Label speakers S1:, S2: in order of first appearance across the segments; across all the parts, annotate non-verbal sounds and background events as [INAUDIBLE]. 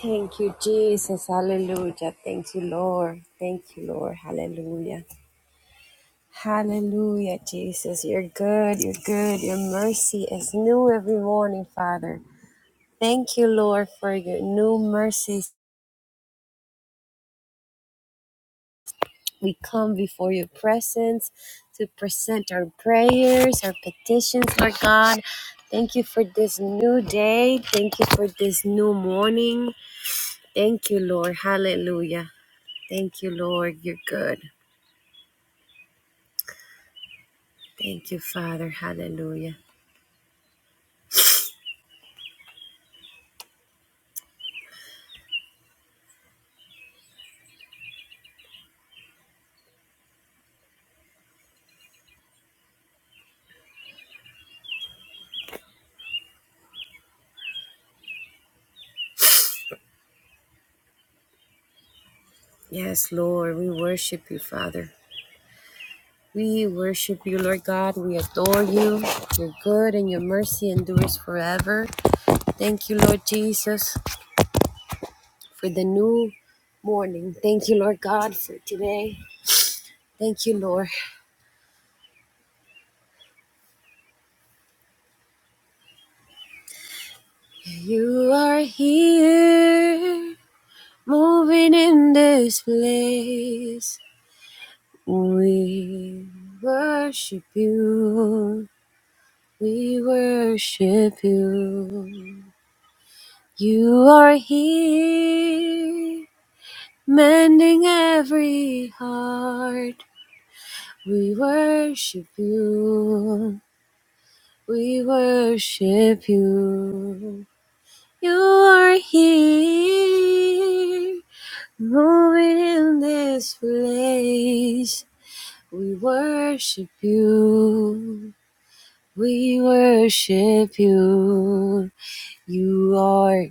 S1: Thank you, Jesus. Hallelujah. Thank you, Lord. Thank you, Lord. Hallelujah. Hallelujah, Jesus. You're good. You're good. Your mercy is new every morning, Father. Thank you, Lord, for your new mercies. We come before your presence to present our prayers, our petitions, Lord God. Thank you for this new day. Thank you for this new morning. Thank you, Lord. Hallelujah. Thank you, Lord. You're good. Thank you, Father. Hallelujah. Yes, Lord, we worship you, Father. We worship you, Lord God. We adore you. You're good and your mercy endures forever. Thank you, Lord Jesus, for the new morning. Thank you, Lord God, for today. Thank you, Lord. You are here, moving in this place. We worship you. We worship you. You are here, mending every heart. We worship you. We worship you. You are here, moving in this place. We worship you. We worship you. You are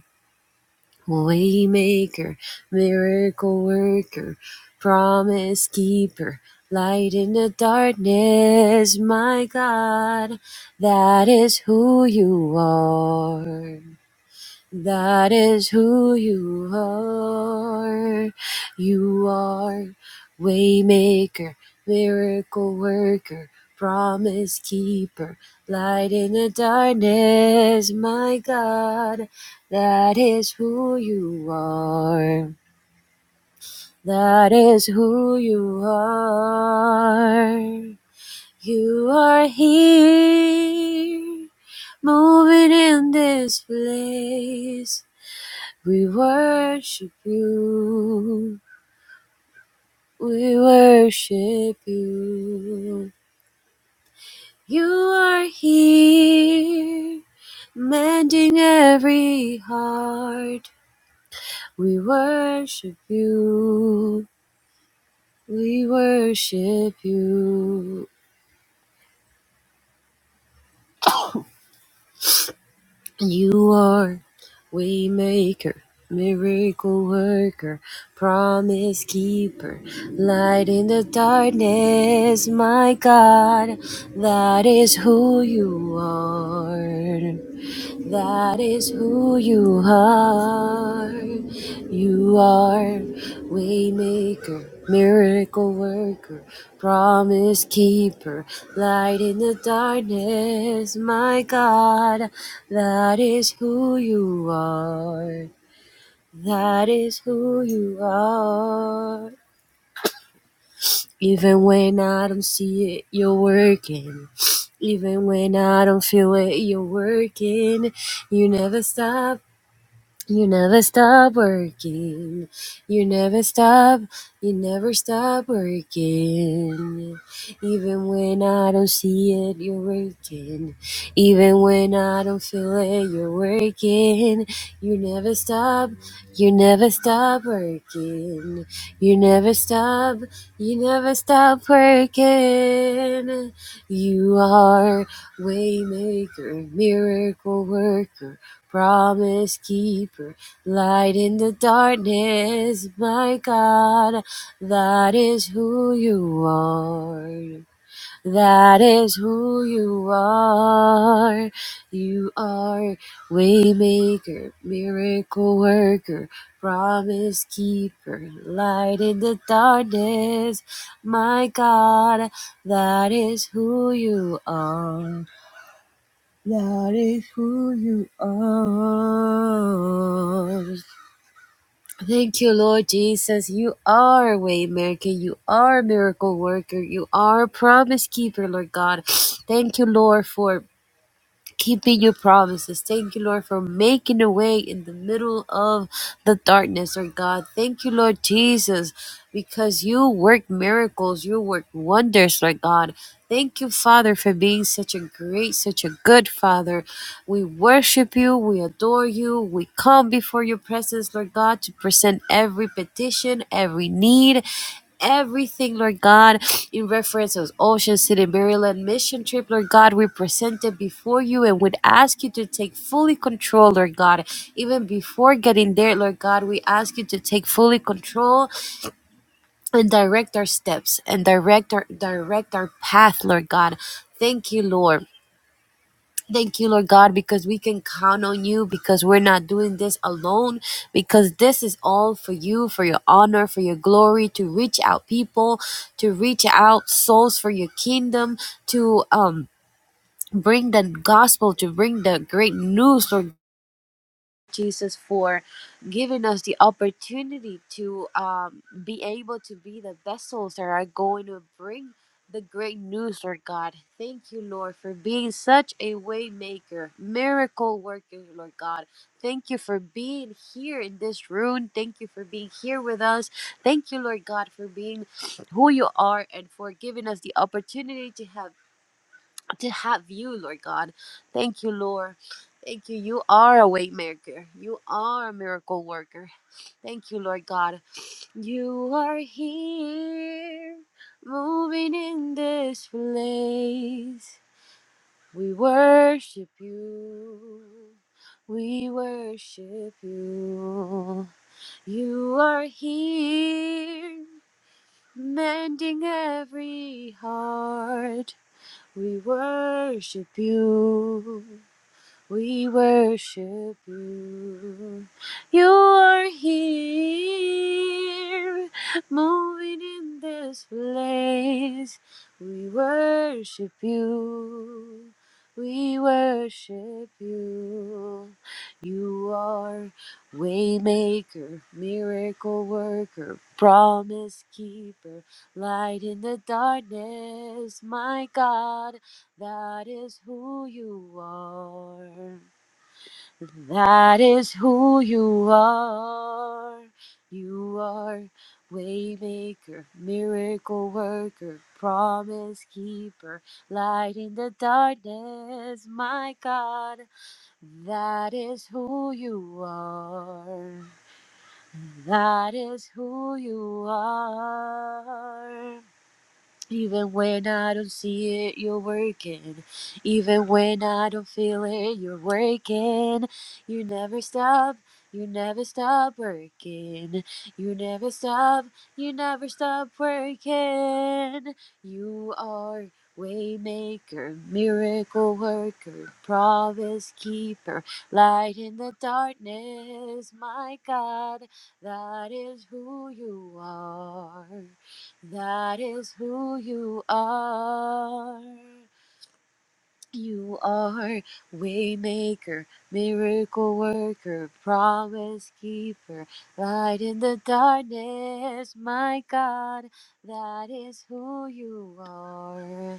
S1: Waymaker, miracle worker, promise keeper, light in the darkness, my God, that is who you are. That is who you are. You are waymaker, miracle worker, promise keeper, light in the darkness, my God. That is who you are. That is who you are. You are here, moving in this place. We worship you. We worship you. You are here, mending every heart. We worship you. We worship you. You are waymaker, miracle worker, promise keeper, light in the darkness, my God, that is who you are. That is who you are. You are waymaker, miracle worker, promise keeper, light in the darkness. My God, that is who you are. That is who you are. Even when I don't see it, you're working. Even when I don't feel it, you're working. You never stop you never stop working. You never stop. You never stop working. Even when I don't see it, you're working. Even when I don't feel it, you're working. You never stop. You never stop working. You never stop. You never stop working. You are. Waymaker, miracle worker, promise keeper, light in the darkness, my God, that is who you are. That is who you are. You are waymaker, miracle worker, promise keeper, light in the darkness, my God, that is who you are. That is who you are. Thank you, Lord Jesus. You are a waymaker. You are a miracle worker. You are a promise keeper, Lord God. Thank you, Lord, for keeping your promises. Thank you, Lord, for making a way in the middle of the darkness, Lord God. Thank you, Lord Jesus, because you work miracles, you work wonders, Lord God. Thank you, Father, for being such a great, such a good Father. We worship you, we adore you, we come before your presence, Lord God, to present every petition, every need, everything, Lord God, in reference to Ocean City, Maryland mission trip, Lord God. We present it before you and would ask you to take fully control, Lord God. Even before getting there, Lord God, we ask you to take fully control and direct our steps and direct our direct our path, Lord God. Thank you, Lord. Thank you, Lord God, because we can count on you, because we're not doing this alone, because this is all for you, for your honor, for your glory, to reach out people, to reach out souls for your kingdom, to um bring the gospel, to bring the great news, Lord Jesus for giving us the opportunity to um, be able to be the vessels that are going to bring the great news, Lord God. Thank you, Lord, for being such a way maker, miracle worker, Lord God. Thank you for being here in this room. Thank you for being here with us. Thank you, Lord God, for being who you are and for giving us the opportunity to have to have you, Lord God. Thank you, Lord. Thank you. You are a waymaker. You are a miracle worker. Thank you, Lord God. You are here, moving in this place. We worship you. We worship you. You are here, mending every heart. We worship you. We worship you. You are here, moving in this place. We worship you. We worship you. You are waymaker, miracle worker, promise keeper, light in the darkness, my God that is who you are. That is who you are. You are waymaker, miracle worker, promise keeper, light in the darkness, my God. That is who you are. That is who you are. Even when I don't see it, you're working. Even when I don't feel it, you're working. You never stop. You never stop working. You never stop. You never stop working. You are waymaker, miracle worker, promise keeper, light in the darkness. My God, that is who you are. That is who you are. You are waymaker, miracle worker, promise keeper, light in the darkness, my God. That is who you are.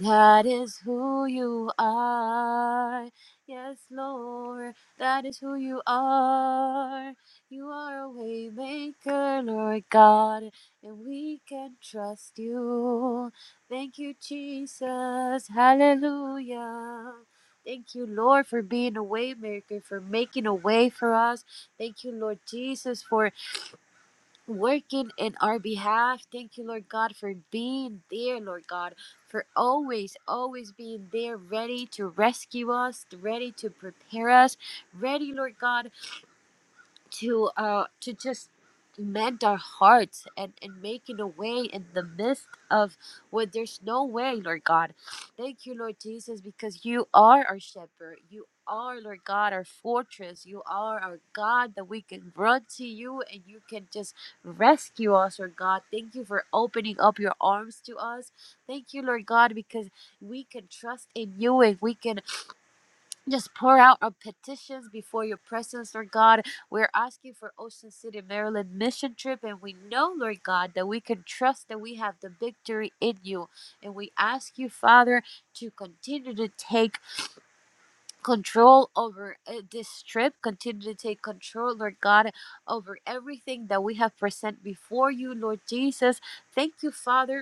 S1: That is who you are. Yes, Lord, that is who you are. You are a waymaker, Lord God, and we can trust you. Thank you, Jesus. Hallelujah. Thank you, Lord, for being a waymaker, for making a way for us. Thank you, Lord Jesus, for working in our behalf. Thank you, Lord God, for being there, Lord God, for always, always being there, ready to rescue us, ready to prepare us, ready, Lord God to uh to just mend our hearts and and making a way in the midst of where there's no way lord god thank you lord jesus because you are our shepherd you are lord god our fortress you are our god that we can run to you and you can just rescue us lord god thank you for opening up your arms to us thank you lord god because we can trust in you and we can just pour out our petitions before your presence, Lord God. We're asking for Ocean City, Maryland mission trip, and we know, Lord God, that we can trust that we have the victory in you. And we ask you, Father, to continue to take control over uh, this trip, continue to take control, Lord God, over everything that we have present before you, Lord Jesus. Thank you, Father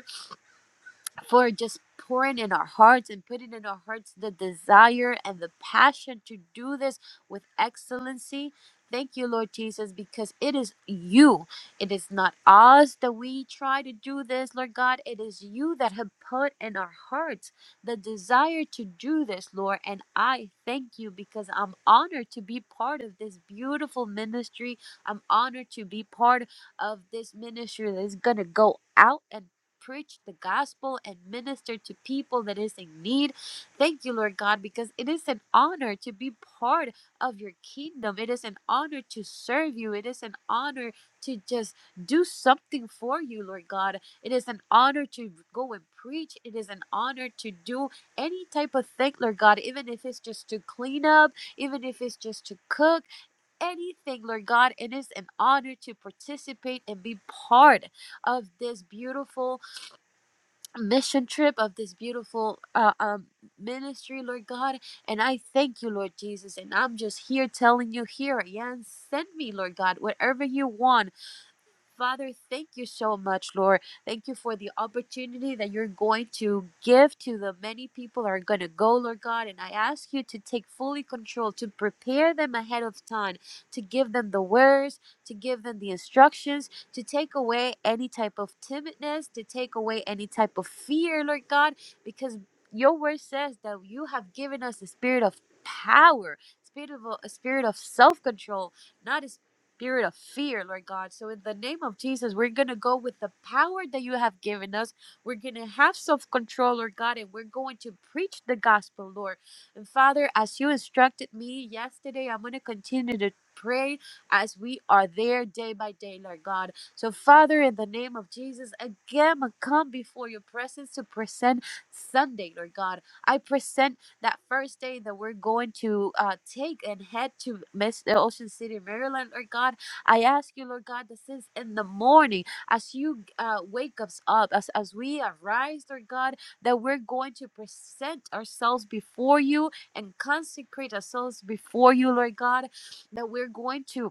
S1: for just pouring in our hearts and putting in our hearts the desire and the passion to do this with excellency. Thank you, Lord Jesus, because it is you. It is not us that we try to do this, Lord God. It is you that have put in our hearts the desire to do this, Lord. And I thank you because I'm honored to be part of this beautiful ministry. I'm honored to be part of this ministry that is going to go out and preach the gospel and minister to people that is in need. Thank you, Lord God, because it is an honor to be part of your kingdom. It is an honor to serve you. It is an honor to just do something for you, Lord God. It is an honor to go and preach. It is an honor to do any type of thing, Lord God, even if it's just to clean up, even if it's just to cook, anything, Lord God. It is an honor to participate and be part of this beautiful mission trip of this beautiful uh, um, ministry, Lord God. And I thank you, Lord Jesus. And I'm just here telling you, here I am. Send me, Lord God, whatever you want. Father, thank you so much, Lord. Thank you for the opportunity that you're going to give to the many people that are going to go, Lord God. And I ask you to take fully control, to prepare them ahead of time, to give them the words, to give them the instructions, to take away any type of timidness, to take away any type of fear, Lord God, because your word says that you have given us the spirit of power, spirit of a spirit of self-control, not a spirit of fear, Lord God. So, in the name of Jesus, we're going to go with the power that you have given us. We're going to have self control, Lord God, and we're going to preach the gospel, Lord. And Father, as you instructed me yesterday, I'm going to continue to pray as we are there day by day, Lord God. So, Father, in the name of Jesus, again, I come before your presence to present Sunday, Lord God. I present that first day that we're going to uh, take and head to Miss the Ocean City, Maryland, Lord God. I ask you, Lord God, that since in the morning, as you uh, wake us up, as, as we arise, Lord God, that we're going to present ourselves before you and consecrate ourselves before you, Lord God, that we're going to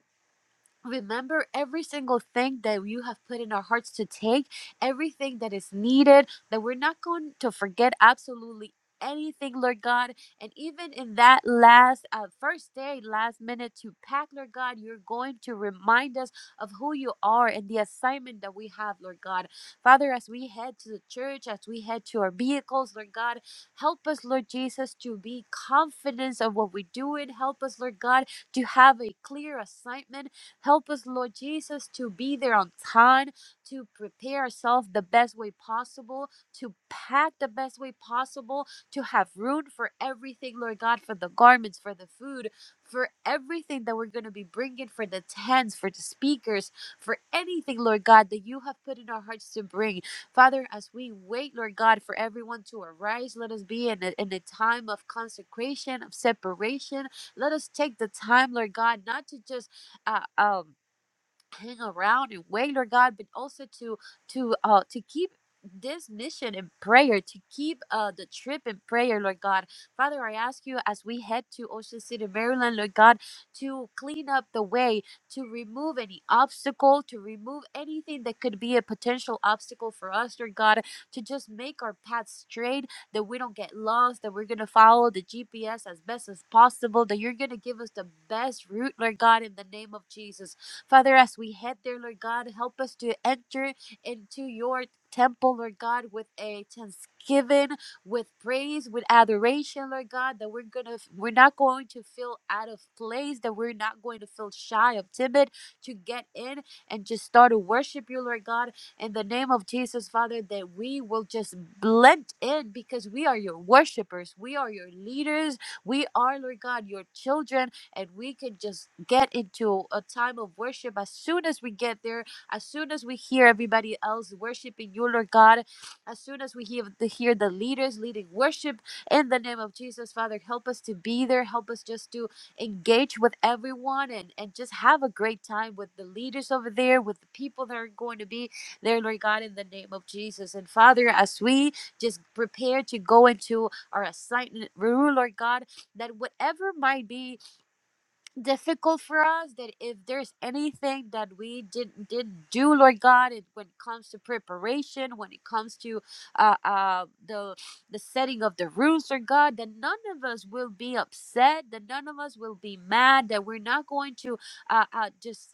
S1: Remember every single thing that you have put in our hearts to take, everything that is needed, that we're not going to forget absolutely anything, Lord God. And even in that last uh, first day, last minute to pack, Lord God, you're going to remind us of who you are and the assignment that we have, Lord God. Father, as we head to the church, as we head to our vehicles, Lord God, help us, Lord Jesus, to be confident of what we're doing. Help us, Lord God, to have a clear assignment Help us, Lord Jesus, to be there on time, to prepare ourselves the best way possible, to pack the best way possible, to have room for everything, Lord God, for the garments, for the food, for everything that we're going to be bringing, for the tents, for the speakers, for anything, Lord God, that you have put in our hearts to bring. Father, as we wait, Lord God, for everyone to arise, let us be in a, in a time of consecration, of separation. Let us take the time, Lord God, not to just uh, um, hang around and wait Lord God, but also to to uh to keep this mission in prayer to keep uh the trip in prayer lord god father i ask you as we head to ocean city maryland lord god to clean up the way to remove any obstacle to remove anything that could be a potential obstacle for us lord god to just make our path straight that we don't get lost that we're gonna follow the gps as best as possible that you're gonna give us the best route lord god in the name of jesus Father, as we head there, Lord God, help us to enter into your temple, Lord God, with a thanksgiving, with praise, with adoration, Lord God, that we're gonna we're not going to feel out of place, that we're not going to feel shy of timid to get in and just start to worship you, Lord God, in the name of Jesus, Father, that we will just blend in because we are your worshipers, we are your leaders, we are, Lord God, your children and we can just get into a time of worship as soon as we get there, as soon as we hear everybody else worshiping you, Lord God, as soon as we hear the, hear the leaders leading worship in the name of Jesus, Father, help us to be there. Help us just to engage with everyone and, and just have a great time with the leaders over there, with the people that are going to be there, Lord God, in the name of Jesus. And Father, as we just prepare to go into our assignment room, Lord God, that whatever might be difficult for us that if there's anything that we didn't did do lord god it, when it comes to preparation when it comes to uh, uh the the setting of the rules lord god that none of us will be upset that none of us will be mad that we're not going to uh, uh just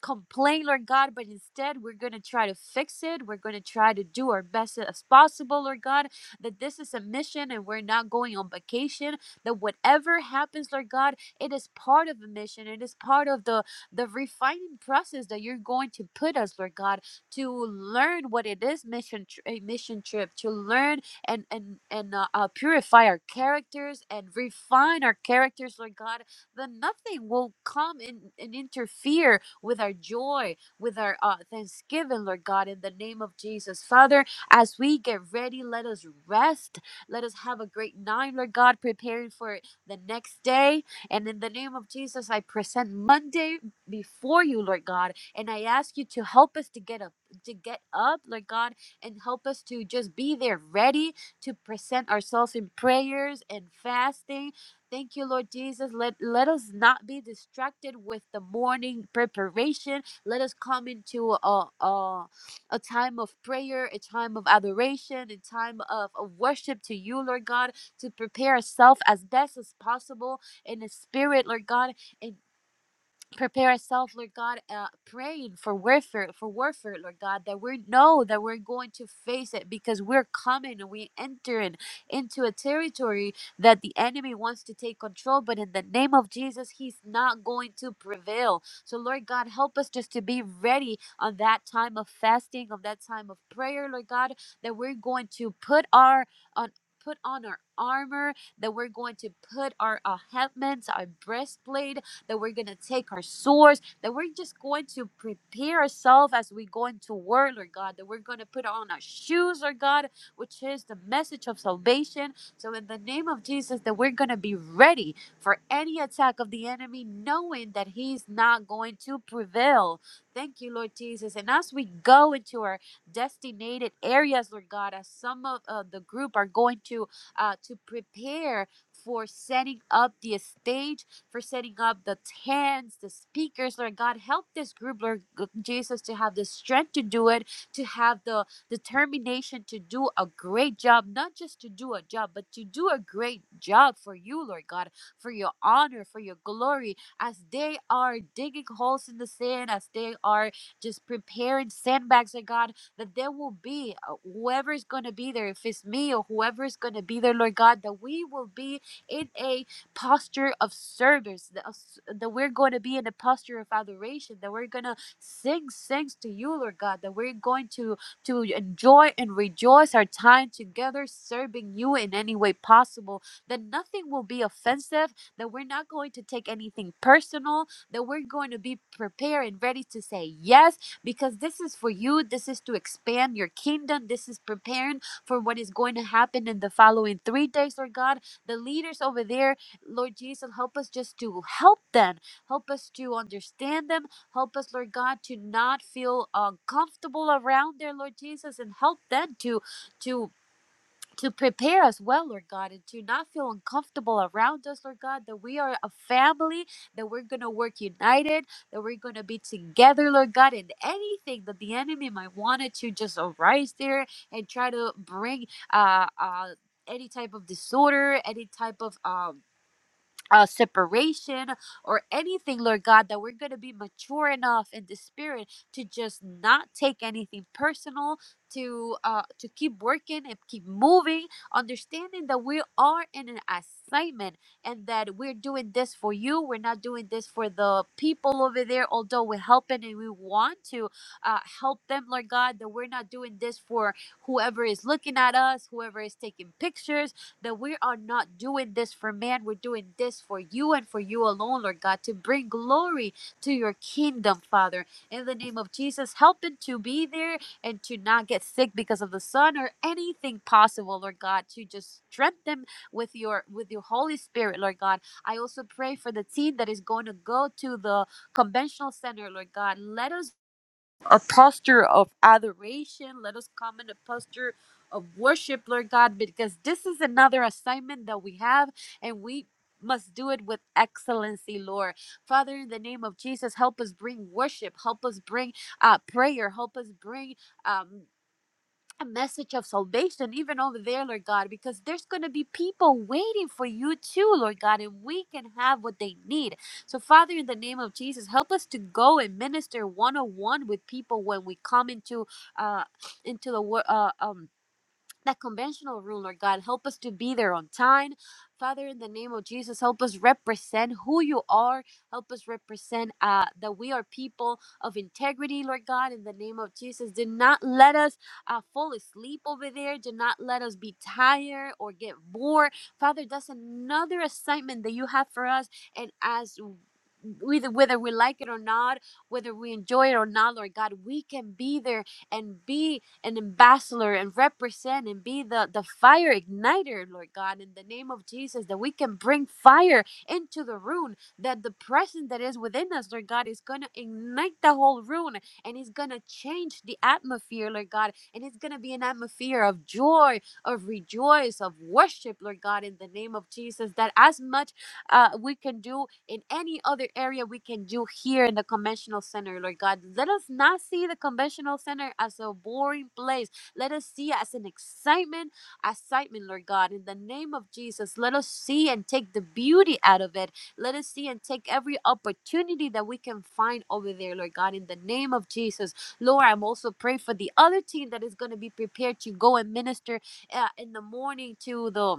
S1: complain, Lord God, but instead we're going to try to fix it. We're going to try to do our best as possible, Lord God, that this is a mission and we're not going on vacation, that whatever happens, Lord God, it is part of the mission. It is part of the, the refining process that you're going to put us, Lord God, to learn what it is mission tr- a mission trip, to learn and and and uh, uh, purify our characters and refine our characters, Lord God, then nothing will come in and interfere with our joy, with our uh, thanksgiving, Lord God, in the name of Jesus. Father, as we get ready, let us rest. Let us have a great night, Lord God, preparing for the next day. And in the name of Jesus, I present Monday before you, Lord God, and I ask you to help us to get up, to get up, Lord God, and help us to just be there ready to present ourselves in prayers and fasting Thank you, Lord Jesus. Let let us not be distracted with the morning preparation. Let us come into a a, a time of prayer, a time of adoration, a time of, of worship to you, Lord God, to prepare ourselves as best as possible in the spirit, Lord God, and prepare ourselves, Lord God, uh, praying for warfare, for warfare, Lord God, that we know that we're going to face it because we're coming and we entering into a territory that the enemy wants to take control. But in the name of Jesus, he's not going to prevail. So, Lord God, help us just to be ready on that time of fasting, on that time of prayer, Lord God, that we're going to put our on put on our armor that we're going to put our uh, helmets our breastplate that we're going to take our swords, that we're just going to prepare ourselves as we go into word, Lord God, that we're going to put on our shoes, Lord God, which is the message of salvation. So, in the name of Jesus, that we're going to be ready for any attack of the enemy, knowing that he's not going to prevail. Thank you, Lord Jesus. And as we go into our designated areas, Lord God, as some of uh, the group are going to uh, to prepare for setting up the stage for setting up the tents, the speakers. Lord God, help this group, Lord Jesus, to have the strength to do it, to have the determination to do a great job, not just to do a job, but to do a great job for you, Lord God, for your honor, for your glory, as they are digging holes in the sand, as they are just preparing sandbags, Lord God, that there will be uh, whoever is going to be there, if it's me or whoever is going to be there, Lord God, that we will be in a posture of service, that, us- that we're going to be in a posture of adoration, that we're going to sing sings to you, Lord God, that we're going to to enjoy and rejoice our time together serving you in any way possible, that nothing will be offensive, that we're not going to take anything personal, that we're going to be prepared and ready to say yes because this is for you, this is to expand your kingdom, this is preparing for what is going to happen in the following 3 days, Lord God. The leaders over there Lord Jesus, help us just to help them. Help us to understand them. Help us, Lord God, to not feel uncomfortable around there, Lord Jesus, and help them to to to prepare us well, Lord God, and to not feel uncomfortable around us, Lord God, that we are a family, that we're gonna work united, that we're gonna be together, Lord God, and anything that the enemy might wanted to just arise there and try to bring uh uh any type of disorder, any type of um uh, separation or anything, Lord God, that we're going to be mature enough in the spirit to just not take anything personal, to uh, to keep working and keep moving, understanding that we are in an assignment and that we're doing this for you. We're not doing this for the people over there, although we're helping and we want to uh, help them, Lord God, that we're not doing this for whoever is looking at us, whoever is taking pictures that we are not doing this for man. We're doing this for you and for you alone, Lord God, to bring glory to your kingdom, Father. In the name of Jesus, help it to be there and to not get sick because of the sun or anything possible, Lord God, to just strengthen them with your with your Holy Spirit, Lord God. I also pray for the team that is going to go to the conventional center, Lord God. Let us a posture of adoration. Let us come in a posture of worship, Lord God, because this is another assignment that we have and we must do it with excellency, Lord. Father, in the name of Jesus, help us bring worship, help us bring uh, prayer, help us bring. um, a message of salvation even over there, Lord God, because there's going to be people waiting for you too, Lord God, and we can have what they need. So, Father, in the name of Jesus, help us to go and minister one on one with people when we come into uh into the world. Uh, um, that conventional rule, Lord God. Help us to be there on time. Father, in the name of Jesus, help us represent who you are. Help us represent uh, that we are people of integrity, Lord God, in the name of Jesus. Do not let us uh, fall asleep over there. Do not let us be tired or get bored. Father, that's another assignment that you have for us. And as whether, whether we like it or not, whether we enjoy it or not, Lord God, we can be there and be an ambassador and represent and be the, the fire igniter, Lord God, in the name of Jesus, that we can bring fire into the room, that the presence that is within us, Lord God, is going to ignite the whole room and it's going to change the atmosphere, Lord God, and it's going to be an atmosphere of joy, of rejoice, of worship, Lord God, in the name of Jesus, that as much uh, we can do in any other area we can do here in the conventional center, Lord God. Let us not see the conventional center as a boring place. Let us see it as an excitement, excitement, Lord God. In the name of Jesus, let us see and take the beauty out of it. Let us see and take every opportunity that we can find over there, Lord God. In the name of Jesus, Lord, I'm also praying for the other team that is going to be prepared to go and minister uh, in the morning to the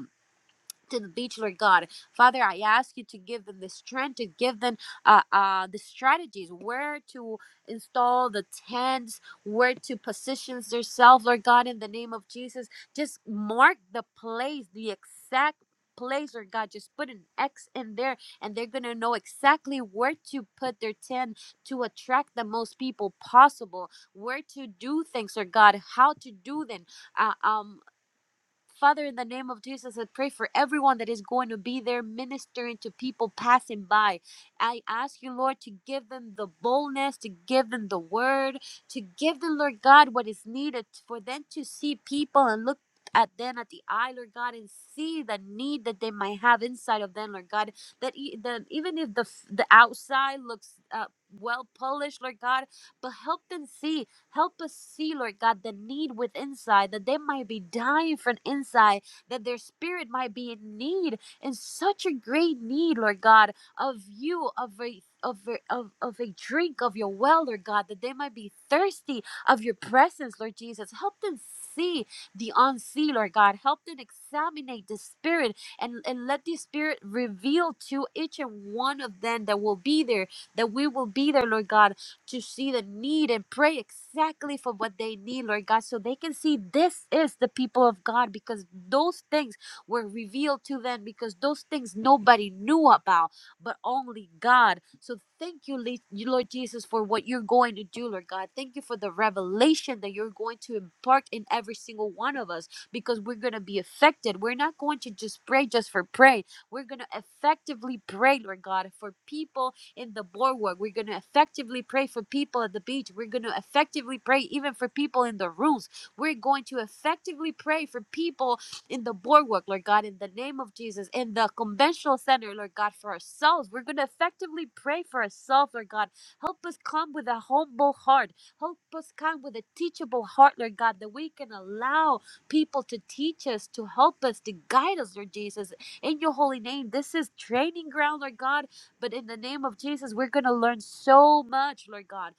S1: to the beach, Lord God. Father, I ask you to give them the strength, to give them uh, uh, the strategies, where to install the tents, where to position themselves, Lord God, in the name of Jesus. Just mark the place, the exact place, Lord God. Just put an X in there, and they're going to know exactly where to put their tent to attract the most people possible, where to do things, Lord God, how to do them. Uh, um, Father, in the name of Jesus, I pray for everyone that is going to be there ministering to people passing by. I ask you, Lord, to give them the boldness, to give them the word, to give them, Lord God, what is needed for them to see people and look at them at the eye, Lord God, and see the need that they might have inside of them, Lord God. That, e- that even if the f- the outside looks uh, well polished, Lord God, but help them see Help us see, Lord God, the need within inside, that they might be dying from inside, that their spirit might be in need, in such a great need, Lord God, of you, of a of, a- of, of a drink of your well, Lord God, that they might be thirsty of your presence, Lord Jesus. Help them see the unseen, Lord God. Help them examine the spirit and, and let the spirit reveal to each and one of them that will be there, that we will be there, Lord God, to see the need and pray exactly for what they need, Lord God, so they can see this is the people of God because those things were revealed to them because those things nobody knew about but only God. So thank you, Lord Jesus, for what you're going to do, Lord God. Thank you for the revelation that you're going to impart in every single one of us because we're going to be affected. We're not going to just pray just for pray. We're going to effectively pray, Lord God, for people in the boardwalk. We're going to effectively pray for people at the beach. We're going to effectively pray even for people in the rooms. We're going to effectively pray for people in the boardwalk, Lord God, in the name of Jesus, in the conventional center, Lord God, for ourselves. We're going to effectively pray for ourselves, Lord God. Help us come with a humble heart. Help us come with a teachable heart, Lord God, that we can allow people to teach us, to help us, to guide us, Lord Jesus. In your holy name, this is training ground, Lord God but in the name of Jesus, we're going to learn so much, Lord God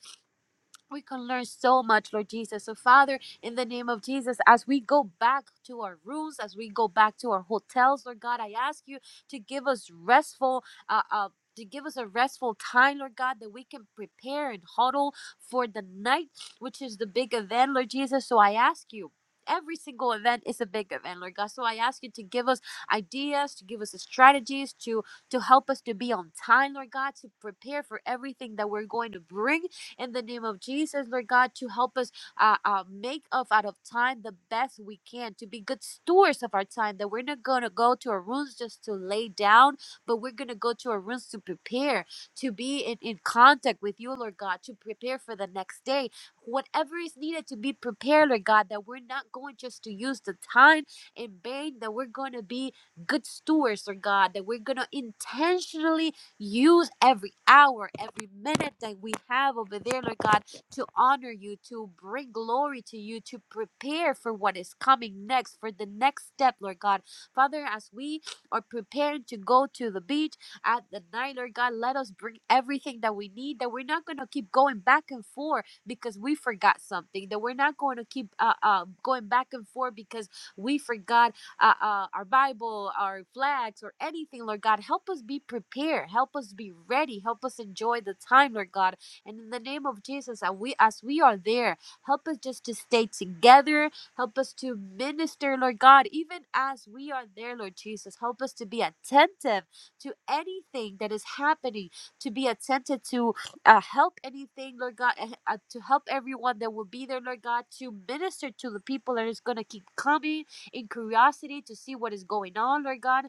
S1: we can learn so much, Lord Jesus. So, Father, in the name of Jesus, as we go back to our rooms, as we go back to our hotels, Lord God, I ask you to give us restful, uh, uh, to give us a restful time, Lord God, that we can prepare and huddle for the night, which is the big event, Lord Jesus. So, I ask you. Every single event is a big event, Lord God. So I ask you to give us ideas, to give us strategies, to to help us to be on time, Lord God, to prepare for everything that we're going to bring in the name of Jesus, Lord God, to help us uh, uh, make of out of time the best we can, to be good stewards of our time, that we're not going to go to our rooms just to lay down, but we're going to go to our rooms to prepare, to be in, in contact with you, Lord God, to prepare for the next day. Whatever is needed to be prepared, Lord God, that we're not going just to use the time in vain, that we're going to be good stewards, Lord God, that we're going to intentionally Use every hour, every minute that we have over there, Lord God, to honor you, to bring glory to you, to prepare for what is coming next, for the next step, Lord God. Father, as we are preparing to go to the beach at the night, Lord God, let us bring everything that we need, that we're not going to keep going back and forth because we forgot something, that we're not going to keep uh, uh, going back and forth because we forgot uh, uh, our Bible, our flags, or anything, Lord God. Help us be prepared. Help us be ready. Help us enjoy the time, Lord God. And in the name of Jesus, as we, as we are there, help us just to stay together. Help us to minister, Lord God, even as we are there, Lord Jesus. Help us to be attentive to anything that is happening, to be attentive to uh, help anything, Lord God, uh, uh, to help everyone that will be there, Lord God, to minister to the people that is going to keep coming in curiosity to see what is going on, Lord God.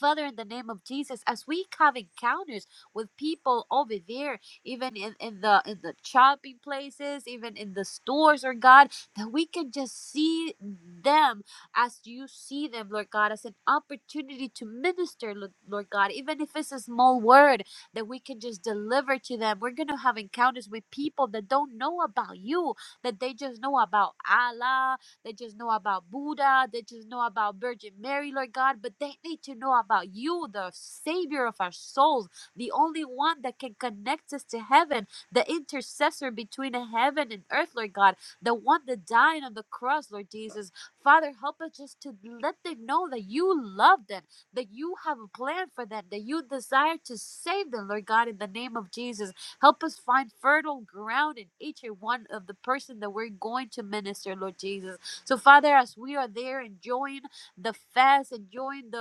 S1: Father, in the name of Jesus, as we have encounters with people over there, even in, in the in the shopping places, even in the stores, Lord God, that we can just see them as you see them, Lord God, as an opportunity to minister, Lo- Lord God, even if it's a small word that we can just deliver to them. We're gonna have encounters with people that don't know about you, that they just know about Allah they just know about Buddha. They just know about Virgin Mary, Lord God. But they need to know about you, the Savior of our souls, the only one that can connect us to heaven, the intercessor between heaven and earth, Lord God, the one that died on the cross, Lord Jesus. Father, help us just to let them know that you love them, that you have a plan for them, that you desire to save them, Lord God, in the name of Jesus. Help us find fertile ground in each and one of the person that we're going to minister, Lord Jesus. So, Father, as we are there enjoying the fast, enjoying the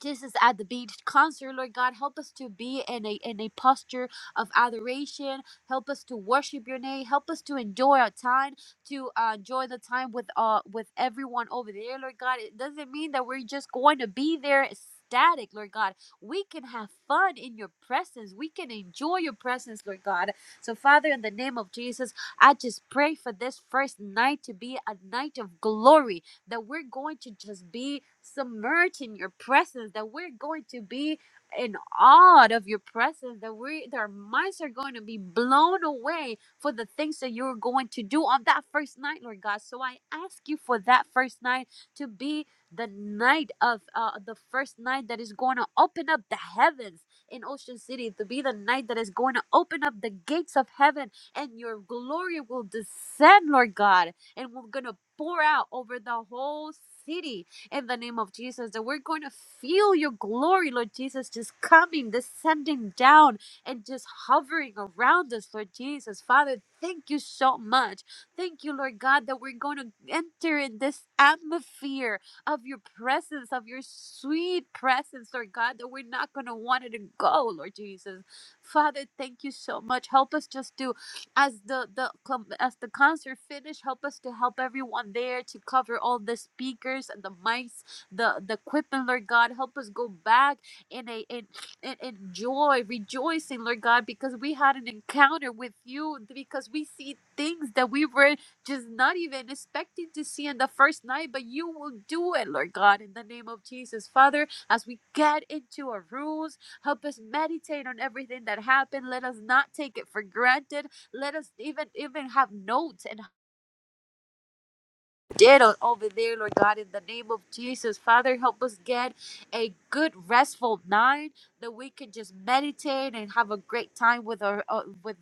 S1: Jesus at the beach concert, Lord God, help us to be in a in a posture of adoration. Help us to worship your name. Help us to enjoy our time, to uh, enjoy the time with uh with everyone over there, Lord God. It doesn't mean that we're just going to be there static, Lord God. We can have fun in your presence. We can enjoy your presence, Lord God. So, Father, in the name of Jesus, I just pray for this first night to be a night of glory that we're going to just be submerged in your presence, that we're going to be in awe of your presence, that we that our minds are going to be blown away for the things that you're going to do on that first night, Lord God. So I ask you for that first night to be the night of uh, the first night that is going to open up the heavens in Ocean City, to be the night that is going to open up the gates of heaven and your glory will descend, Lord God and we're going to pour out over the whole city in the name of Jesus that we're going to feel your glory, Lord Jesus, just coming, descending down and just hovering around us, Lord Jesus. Father, thank you so much. Thank you, Lord God, that we're going to enter in this atmosphere of your presence, of your sweet presence, Lord God, that we're not going to want it to go, Lord Jesus. Father, thank you so much. Help us just to as the the com- as the concert finished help us to help everyone there to cover all the speakers and the mics the the equipment lord god help us go back in a in, in, in joy rejoicing lord god because we had an encounter with you because we see things that we were just not even expecting to see in the first night but you will do it lord god in the name of jesus father as we get into our rooms help us meditate on everything that happened let us not take it for granted let us even even have notes and did over there, Lord God, in the name of Jesus. Father, help us get a good restful night that we can just meditate and have a great time with our uh, with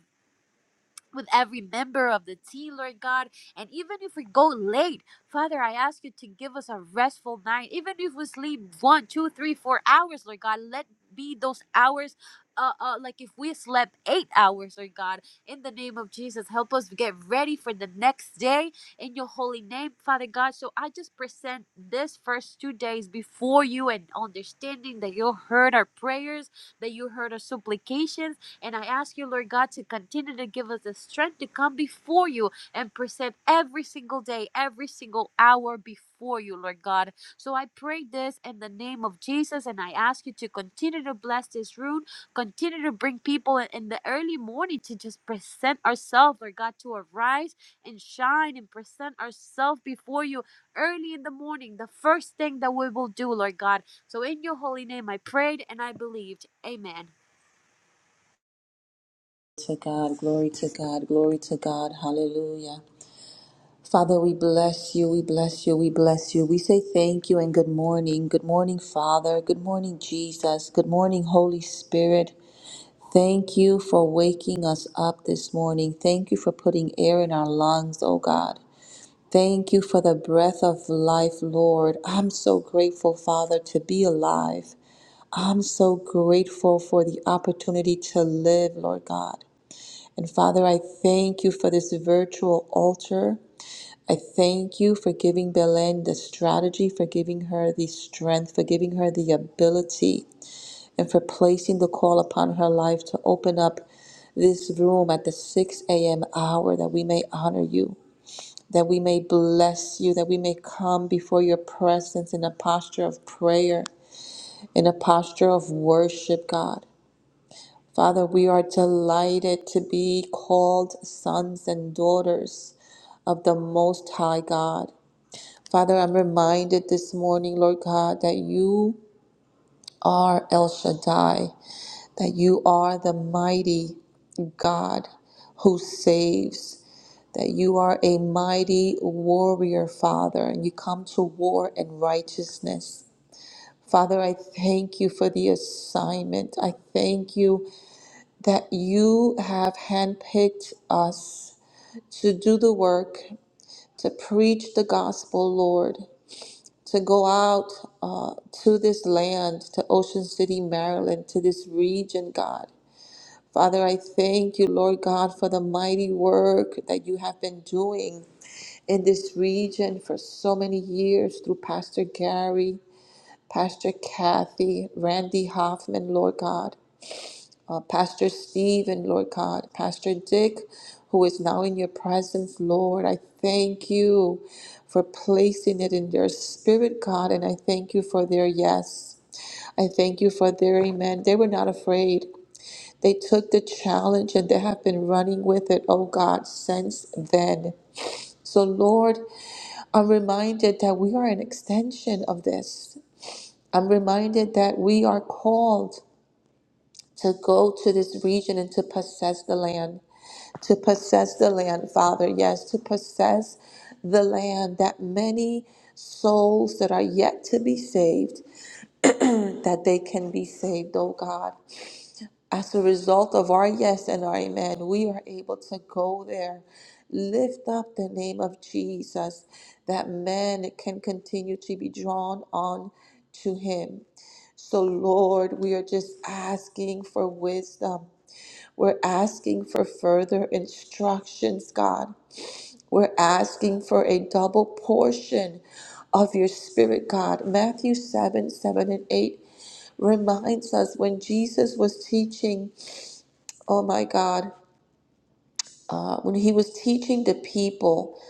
S1: with every member of the team, Lord God. And even if we go late, Father, I ask you to give us a restful night. Even if we sleep one, two, three, four hours, Lord God, let be those hours. Uh, uh, like if we slept eight hours, Lord God, in the name of Jesus, help us get ready for the next day in your holy name, Father God. So I just present this first two days before you and understanding that you heard our prayers, that you heard our supplications and I ask you, Lord God, to continue to give us the strength to come before you and present every single day, every single hour before you, Lord God. So I pray this in the name of Jesus, and I ask you to continue to bless this room, continue to bring people in in the early morning to just present ourselves, Lord God, to arise and shine and present ourselves before you early in the morning, the first thing that we will do, Lord God. So in your holy name, I prayed and I believed. Amen.
S2: to God, glory to God, glory to God, hallelujah. Father, we bless you, we bless you, we bless you. We say thank you and good morning. Good morning, Father. Good morning, Jesus. Good morning, Holy Spirit. Thank you for waking us up this morning. Thank you for putting air in our lungs, oh God. Thank you for the breath of life, Lord. I'm so grateful, Father, to be alive. I'm so grateful for the opportunity to live, Lord God. And Father, I thank you for this virtual altar. I thank you for giving Belen the strategy, for giving her the strength, for giving her the ability, and for placing the call upon her life to open up this room at the 6 a.m. hour that we may honor you, that we may bless you, that we may come before your presence in a posture of prayer, in a posture of worship, God. Father, we are delighted to be called sons and daughters of the Most High God. Father, I'm reminded this morning, Lord God, that you are El Shaddai, that you are the mighty God who saves, that you are a mighty warrior, Father, and you come to war in righteousness. Father, I thank you for the assignment. I thank you that you have handpicked us to do the work, to preach the gospel, Lord, to go out uh, to this land, to Ocean City, Maryland, to this region, God. Father, I thank you, Lord God, for the mighty work that you have been doing in this region for so many years through Pastor Gary, Pastor Kathy, Randy Hoffman, Lord God. uh, Pastor Steve and Lord God, Pastor Dick, who is now in your presence, Lord. I thank you for placing it in their spirit, God, and I thank you for their yes. I thank you for their amen. They were not afraid. They took the challenge and they have been running with it, oh God, since then. So, Lord, I'm reminded that we are an extension of this. I'm reminded that we are called to go to this region and to possess the land. to possess the land, Father. Yes, to possess the land that many souls that are yet to be saved, that they can be saved, oh God. As a result of our yes and our amen, we are able to go there. Lift up the name of Jesus that men can continue to be drawn on to him. So, Lord, we are just asking for wisdom. We're asking for further instructions, God. We're asking for a double portion of your spirit, God. Matthew 7 7 and 8 reminds us when Jesus was teaching, oh my God, uh, when he was teaching the people,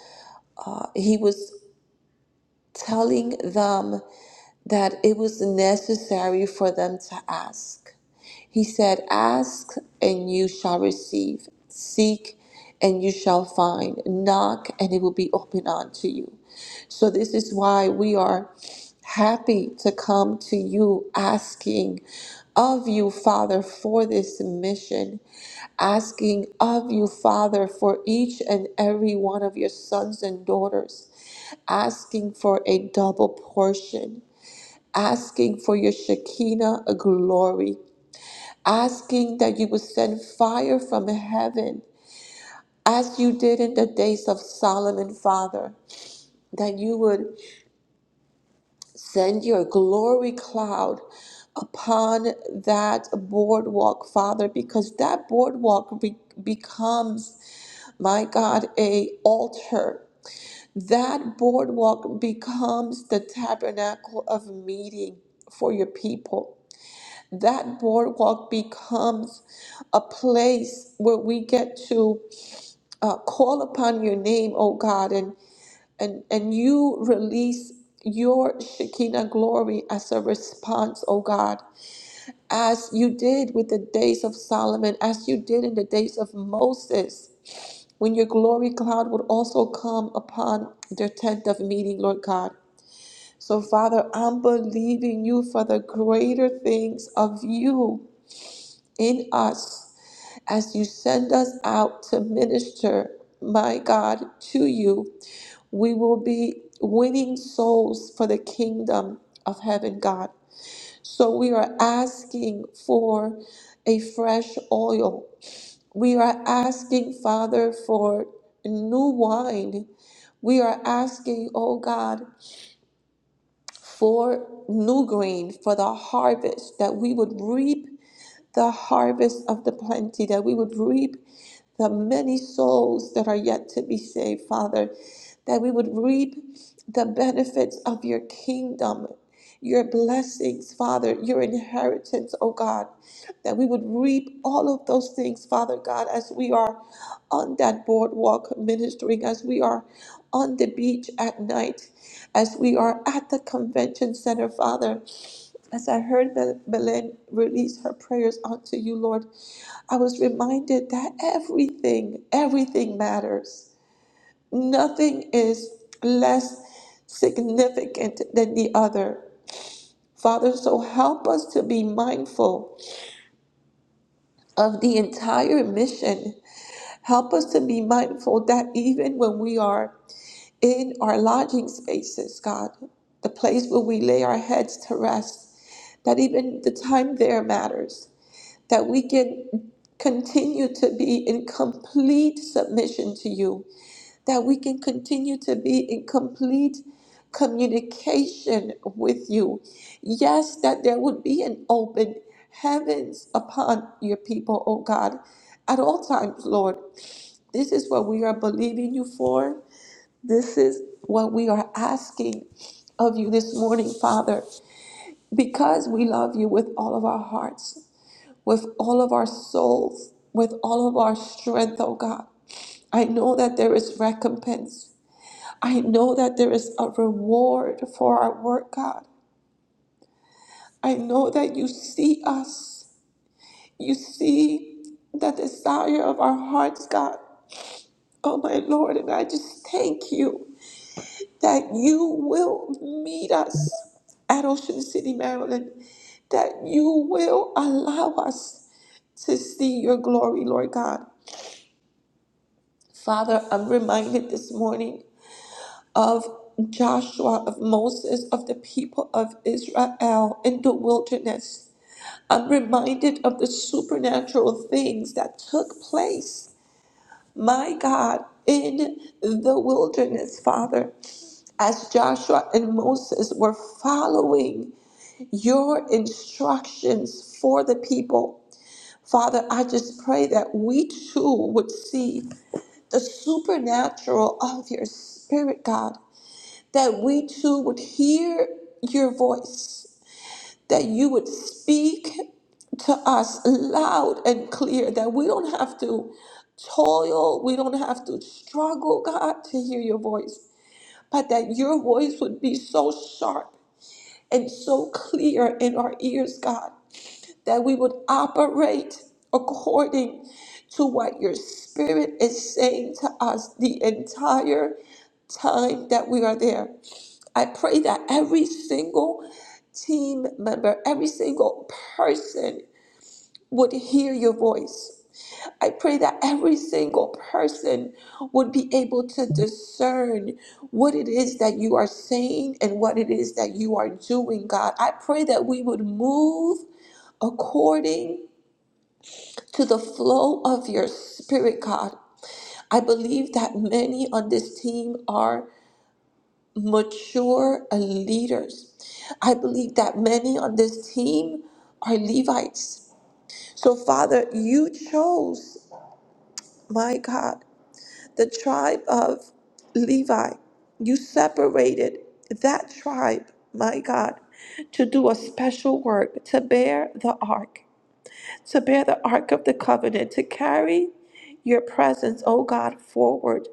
S2: uh, he was telling them. that it was necessary for them to ask. He said, Ask and you shall receive, seek and you shall find, knock and it will be opened unto you. So, this is why we are happy to come to you asking of you, Father, for this mission, asking of you, Father, for each and every one of your sons and daughters asking for a double portion asking for your Shekinah glory, asking that you would send fire from heaven as you did in the days of Solomon, Father, that you would send your glory cloud upon that boardwalk, Father, because that boardwalk be- becomes, my God, a altar. That boardwalk becomes the tabernacle of meeting for your people. that boardwalk becomes a place where we get to uh, call upon your name, oh God, and and and you release your Shekinah glory as a response, oh God, as you did with the days of Solomon, as you did in the days of Moses, when your glory cloud would also come upon their tent of meeting, Lord God. So, Father, I'm believing you for the greater things of you in us as you send us out to minister, my God, to you. We will be winning souls for the kingdom of heaven, God. So we are asking for a fresh oil. We are asking, Father, for new wine. We are asking, oh God, for new grain, for the harvest that we would reap the harvest of the plenty, that we would reap the many souls that are yet to be saved, Father, that we would reap the benefits of your kingdom, your blessings, Father, your inheritance, oh God, that we would reap all of those things, Father God, as we are on that boardwalk ministering, as we are on the beach at night, as we are at the convention center, Father. As I heard Bel- Belen release her prayers unto you, Lord, I was reminded that everything, everything matters. Nothing is less significant than the other. Father, so help us to be mindful of the entire mission. Help us to be mindful that even when we are in our lodging spaces, God, the place where we lay our heads to rest, that even the time there matters that we can continue to be in complete submission to you, that we can continue to be in complete communication with you. Yes, that there would be an open heavens upon your people, oh God, at all times, Lord. This is what we are believing you for. This is what we are asking of you this morning, Father, because we love you with all of our hearts with all of our souls, with all of our strength, oh God. I know that there is recompense. I know that there is a reward for our work, God. I know that you see us. You see the desire of our hearts, God. Oh, my Lord, and I just thank you that you will meet us at Ocean City, Maryland, that you will allow us to see your glory, Lord God. Father, I'm reminded this morning of Joshua, of Moses, of the people of Israel in the wilderness. I'm reminded of the supernatural things that took place, my God, in the wilderness, Father, as Joshua and Moses were following your instructions for the people Father, I just pray that we too would see the supernatural of your spirit, God, that we too would hear your voice, that you would speak to us loud and clear, that we don't have to toil, we don't have to struggle, God, to hear your voice, but that your voice would be so sharp and so clear in our ears, God, that we would operate according to what your spirit is saying to us the entire time that we are there. I pray that every single team member, every single person would hear your voice I pray that every single person would be able to discern what it is that you are saying and what it is that you are doing, God. I pray that we would move according to the flow of your spirit, God. I believe that many on this team are mature leaders. I believe that many on this team are Levites. So, Father, you chose, my God. the tribe of Levi. You separated that tribe, my God, to do a special work, to bear the ark, to bear the ark of the covenant, to carry your presence, oh God, forward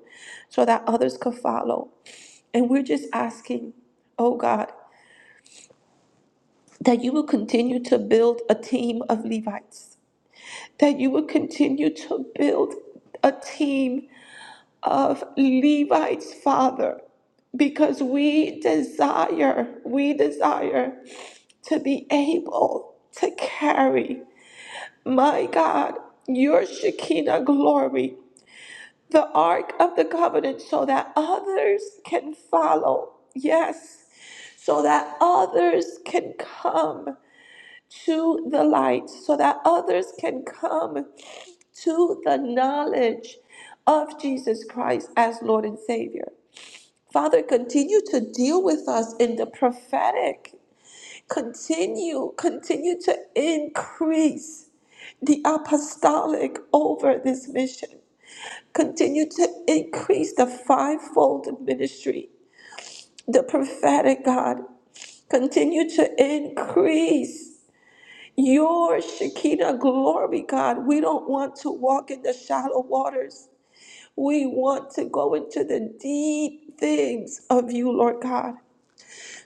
S2: so that others could follow. And we're just asking, oh God, that you will continue to build a team of Levites, that you will continue to build a team of Levi's father because we desire, we desire to be able to carry, my God, your Shekinah glory, the Ark of the Covenant, so that others can follow. Yes, so that others can come to the light, so that others can come to the knowledge of Jesus Christ as Lord and Savior. Father, continue to deal with us in the prophetic. Continue, continue to increase the apostolic over this mission. Continue to increase the fivefold ministry, the prophetic God. Continue to increase your Shekinah glory, God. We don't want to walk in the shallow waters. We want to go into the deep things of you, Lord God.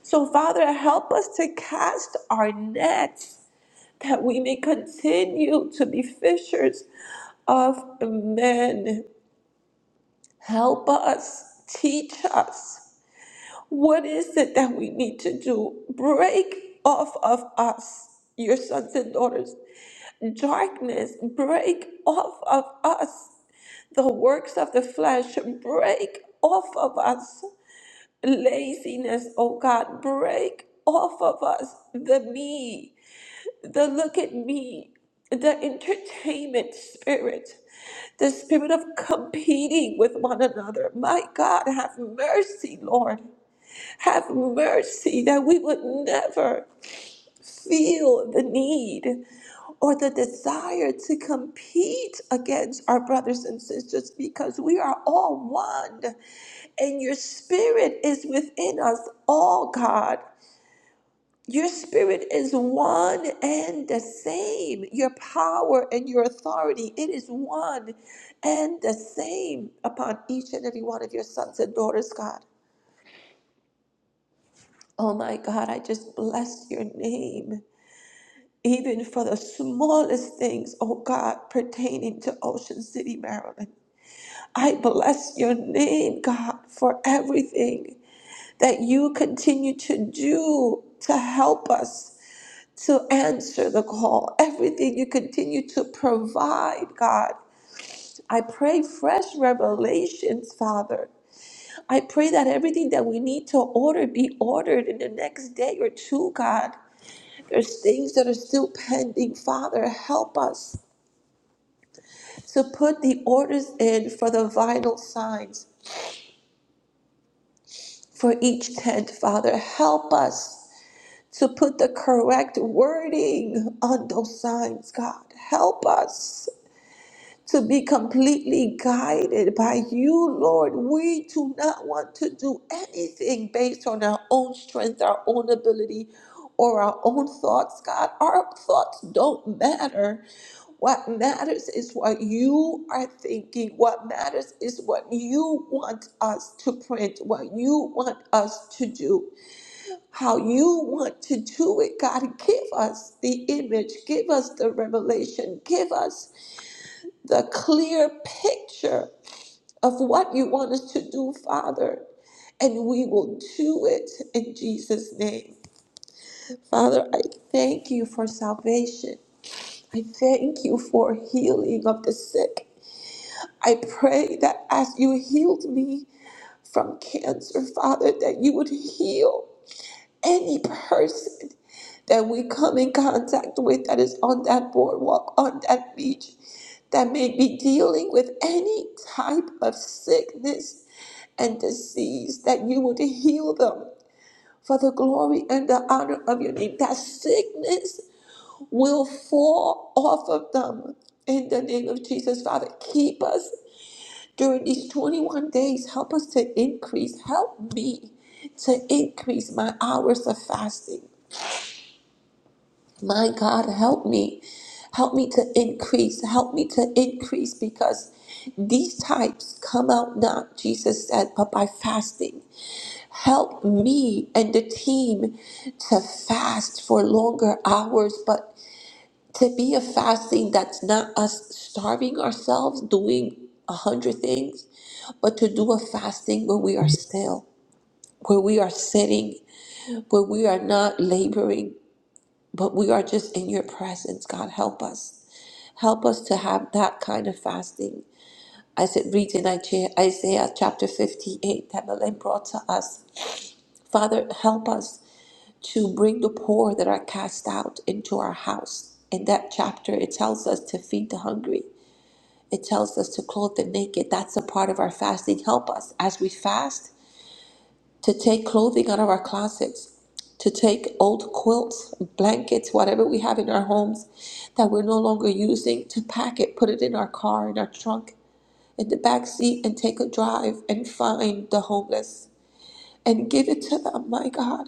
S2: So, Father, help us to cast our nets that we may continue to be fishers of men. Help us, teach us. What is it that we need to do? Break off of us, your sons and daughters. Darkness, break off of us. The works of the flesh, break off of us laziness, oh God, break off of us the me, the look at me, the entertainment spirit, the spirit of competing with one another. My God, have mercy, Lord. Have mercy that we would never feel the need or the desire to compete against our brothers and sisters because we are all one and your spirit is within us all, God. Your spirit is one and the same. Your power and your authority, it is one and the same upon each and every one of your sons and daughters, God. Oh my God, I just bless your name. even for the smallest things, oh God, pertaining to Ocean City, Maryland. I bless your name, God, for everything that you continue to do to help us to answer the call, everything you continue to provide, God. I pray fresh revelations, Father. I pray that everything that we need to order be ordered in the next day or two, God. There's things that are still pending. Father, help us. So put the orders in for the vital signs for each tent, Father. Help us to put the correct wording on those signs, God. Help us. to be completely guided by you, Lord. We do not want to do anything based on our own strength, our own ability, or our own thoughts, God. Our thoughts don't matter. What matters is what you are thinking. What matters is what you want us to print, what you want us to do, how you want to do it. God, give us the image, give us the revelation, give us the clear picture of what you want us to do, Father, and we will do it in Jesus' name. Father, I thank you for salvation. I thank you for healing of the sick. I pray that as you healed me from cancer, Father, that you would heal any person that we come in contact with that is on that boardwalk, on that beach, that may be dealing with any type of sickness and disease, that you would heal them for the glory and the honor of your name. That sickness will fall off of them in the name of Jesus, Father. Keep us during these 21 days. Help us to increase. Help me to increase my hours of fasting. My God, help me. Help me to increase. Help me to increase because these types come out not, Jesus said, but by fasting. Help me and the team to fast for longer hours, but to be a fasting that's not us starving ourselves, doing a hundred things, but to do a fasting where we are still, where we are sitting, where we are not laboring but we are just in your presence, God. Help us. Help us to have that kind of fasting. As it reads in Isaiah chapter 58 that Belen brought to us. Father, help us to bring the poor that are cast out into our house. In that chapter, it tells us to feed the hungry, it tells us to clothe the naked. That's a part of our fasting. Help us as we fast to take clothing out of our closets, to take old quilts, blankets, whatever we have in our homes that we're no longer using, to pack it, put it in our car, in our trunk, in the back seat, and take a drive and find the homeless and give it to them, my God,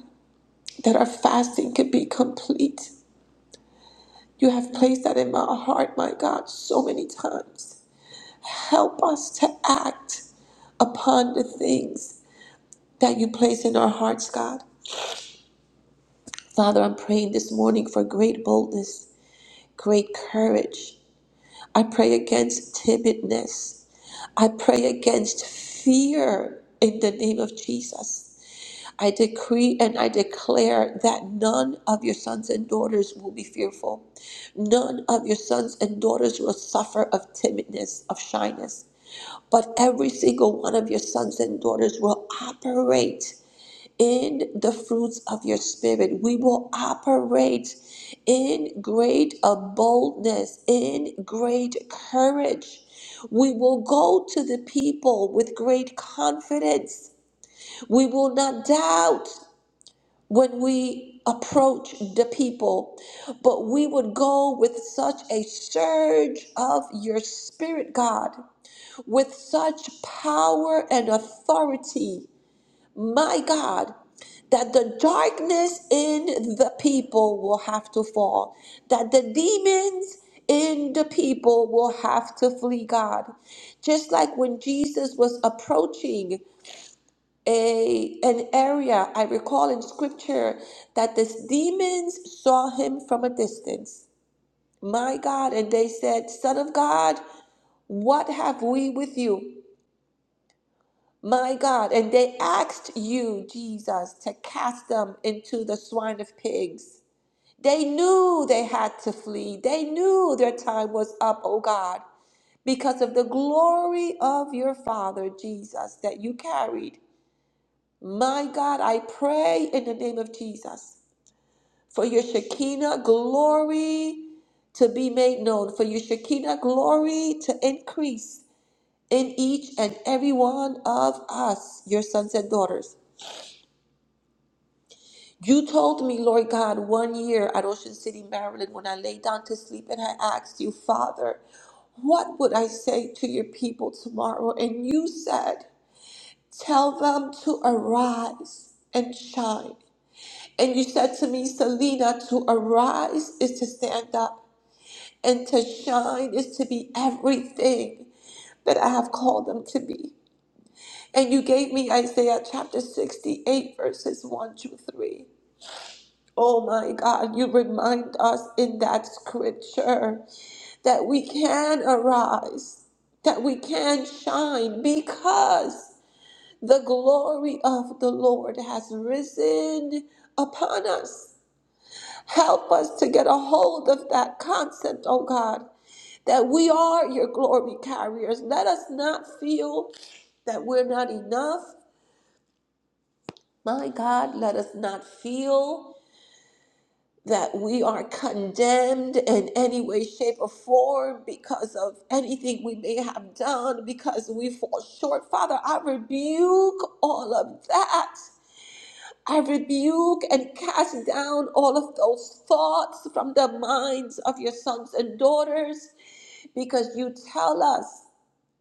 S2: that our fasting could be complete. You have placed that in my heart, my God, so many times. Help us to act upon the things that you place in our hearts, God. Father, I'm praying this morning for great boldness, great courage. I pray against timidness. I pray against fear in the name of Jesus. I decree and I declare that none of your sons and daughters will be fearful. None of your sons and daughters will suffer of timidness, of shyness. But every single one of your sons and daughters will operate in the fruits of your spirit. We will operate in great uh, boldness, in great courage. We will go to the people with great confidence. We will not doubt when we approach the people, but we would go with such a surge of your spirit, God, with such power and authority my God, that the darkness in the people will have to fall, that the demons in the people will have to flee, God. Just like when Jesus was approaching a an area, I recall in scripture that the demons saw him from a distance. My God, and they said, Son of God, what have we with you? My God, and they asked you, Jesus, to cast them into the swine of pigs. They knew they had to flee. They knew their time was up, oh God, because of the glory of your Father, Jesus, that you carried. My God, I pray in the name of Jesus for your Shekinah glory to be made known, for your Shekinah glory to increase in each and every one of us, your sons and daughters. You told me, Lord God, one year at Ocean City, Maryland, when I lay down to sleep and I asked you, Father, what would I say to your people tomorrow? And you said, Tell them to arise and shine. And you said to me, Selena, to arise is to stand up, and to shine is to be everything that I have called them to be. And you gave me Isaiah chapter 68, verses 1 through 3. Oh my God, you remind us in that scripture that we can arise, that we can shine because the glory of the Lord has risen upon us. Help us to get a hold of that concept, oh God, that we are your glory carriers. Let us not feel that we're not enough. My God, let us not feel that we are condemned in any way, shape, or form because of anything we may have done, because we fall short. Father, I rebuke all of that. I rebuke and cast down all of those thoughts from the minds of your sons and daughters because you tell us,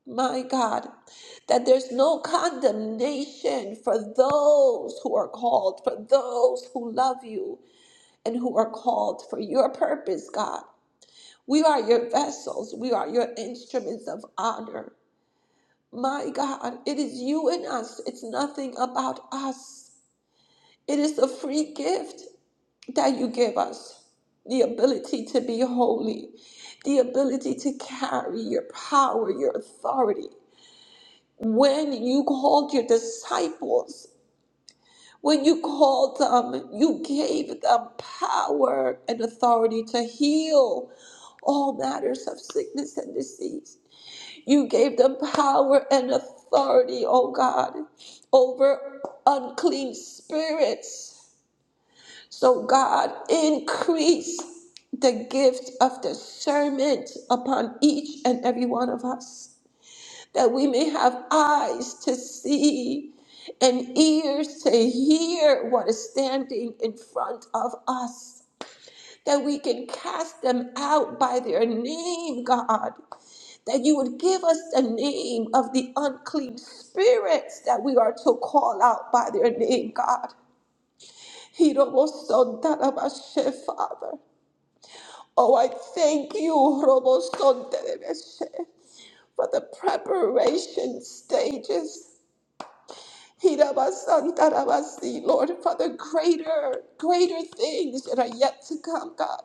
S2: my God, that there's no condemnation for those who are called, for those who love you, and who are called for your purpose, God. We are your vessels, we are your instruments of honor. My God, it is you and us, it's nothing about us. It is the free gift that you give us the ability to be holy, the ability to carry your power, your authority. When you called your disciples, When you called them, you gave them power and authority to heal all matters of sickness and disease. You gave them power and authority, oh God, over unclean spirits. So, God, increase the gift of discernment upon each and every one of us that we may have eyes to see and ears to hear what is standing in front of us, that we can cast them out by their name, God. That you would give us the name of the unclean spirits that we are to call out by their name, God. Hirobosontarabashe, Father. Oh, I thank you, Robosontarabashe, for the preparation stages Hirabasantarabasi, Lord, Father, greater, greater things that are yet to come, God,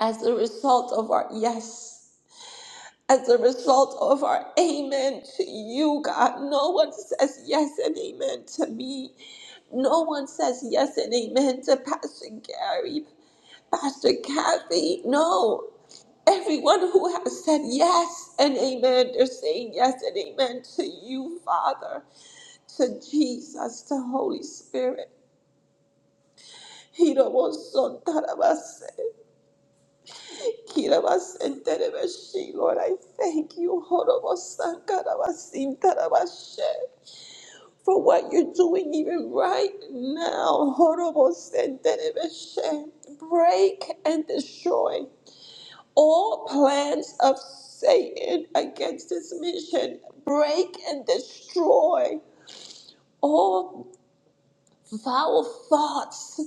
S2: as a result of our yes, as a result of our amen to you, God. No one says yes and amen to me. No one says yes and amen to Pastor Gary, Pastor Kathy. No. Everyone who has said yes and amen, they're saying yes and amen to you, Father to Jesus, the Holy Spirit. He don't want son that of us. He don't want sin that of us. Lord, I thank you horrible son, God of us, sin that of us, she, for what you're doing even right now. Horrible sin that of us, she. Break and destroy all plans of Satan against this mission. Break and destroy all vile thoughts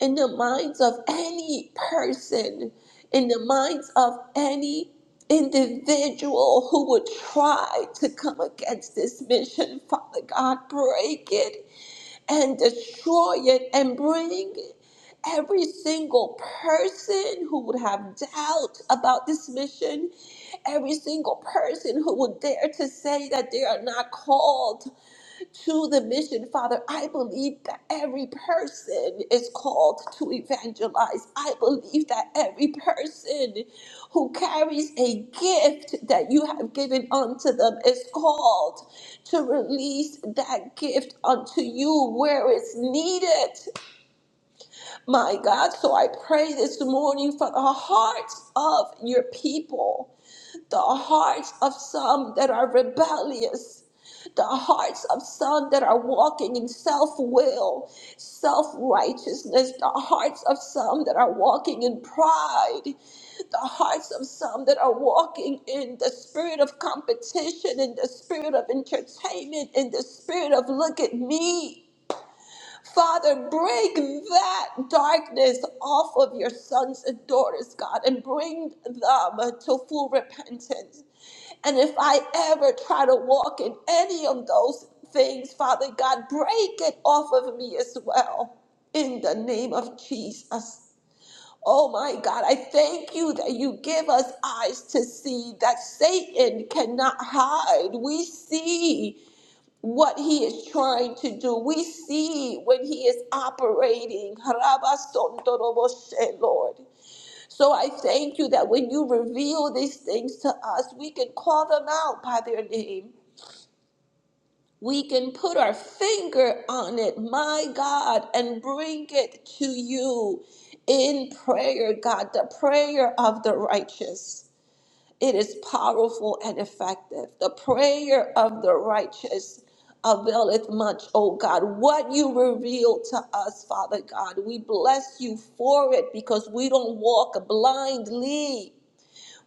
S2: in the minds of any person, in the minds of any individual who would try to come against this mission. Father God, break it and destroy it and bring every single person who would have doubt about this mission every single person who would dare to say that they are not called to the mission, Father. I believe that every person is called to evangelize. I believe that every person who carries a gift that you have given unto them is called to release that gift unto you where it's needed. My God, so I pray this morning for the hearts of your people the hearts of some that are rebellious, the hearts of some that are walking in self will, self righteousness, the hearts of some that are walking in pride, the hearts of some that are walking in the spirit of competition, in the spirit of entertainment, in the spirit of look at me. Father, break that darkness off of your sons and daughters, God, and bring them to full repentance. And if I ever try to walk in any of those things, Father God, break it off of me as well. In the name of Jesus. Oh my God, I thank you that you give us eyes to see that Satan cannot hide. We see what he is trying to do. We see when he is operating. Rabasontoroboshe, Lord. So I thank you that when you reveal these things to us, we can call them out by their name. We can put our finger on it, my God, and bring it to you in prayer, God, the prayer of the righteous. It is powerful and effective. The prayer of the righteous availeth much, O God. What you reveal to us, Father God, we bless you for it because we don't walk blindly.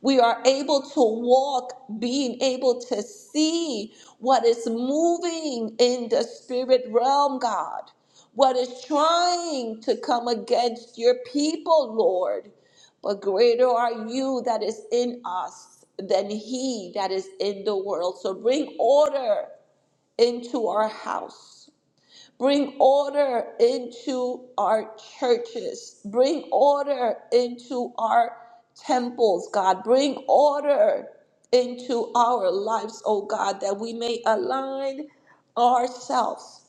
S2: We are able to walk, being able to see what is moving in the spirit realm, God, what is trying to come against your people, Lord. But greater are you that is in us than he that is in the world. So bring order into our house. Bring order into our churches. Bring order into our temples, God. Bring order into our lives, oh God, that we may align ourselves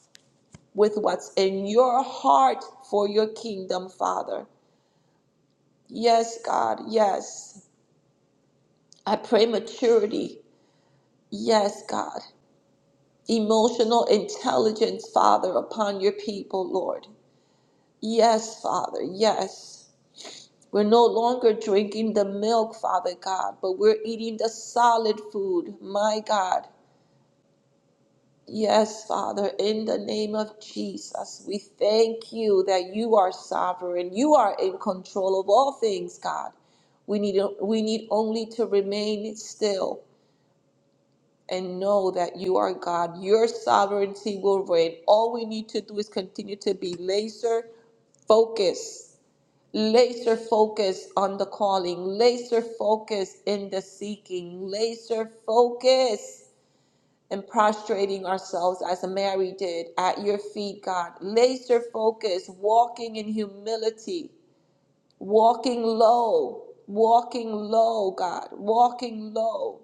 S2: with what's in your heart for your kingdom, Father. Yes, God, yes. I pray maturity. Yes, God. Emotional intelligence, Father, upon your people, Lord. Yes, Father, yes. We're no longer drinking the milk, Father God, but we're eating the solid food, my God. Yes, Father, in the name of Jesus, we thank you that you are sovereign. You are in control of all things, God. We need, we need only to remain still and know that you are God. Your sovereignty will reign. All we need to do is continue to be laser focused Laser focus on the calling, laser focus in the seeking, laser focus in prostrating ourselves as Mary did at your feet, God. Laser focus, walking in humility, walking low, walking low, God, walking low.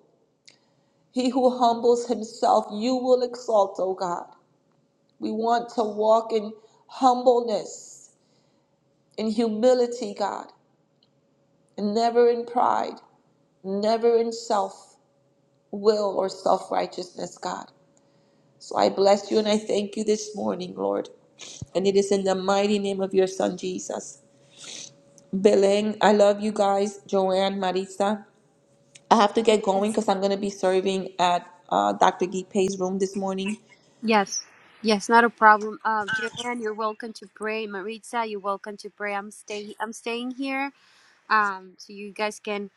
S2: He who humbles himself, you will exalt, O God. We want to walk in humbleness, in humility, God, and never in pride. never in self will or self righteousness, God. So I bless you and I thank you this morning, Lord. And it is in the mighty name of your son, Jesus. Beleng, I love you guys. Joanne, Marisa. I have to get going because I'm going to be serving at uh, Dr. Gipe's room this morning.
S1: Yes. Yes, not a problem. Uh, Joanne, you're welcome to pray. Maritza, you're welcome to pray. I'm stay. I'm staying here. Um, so you guys can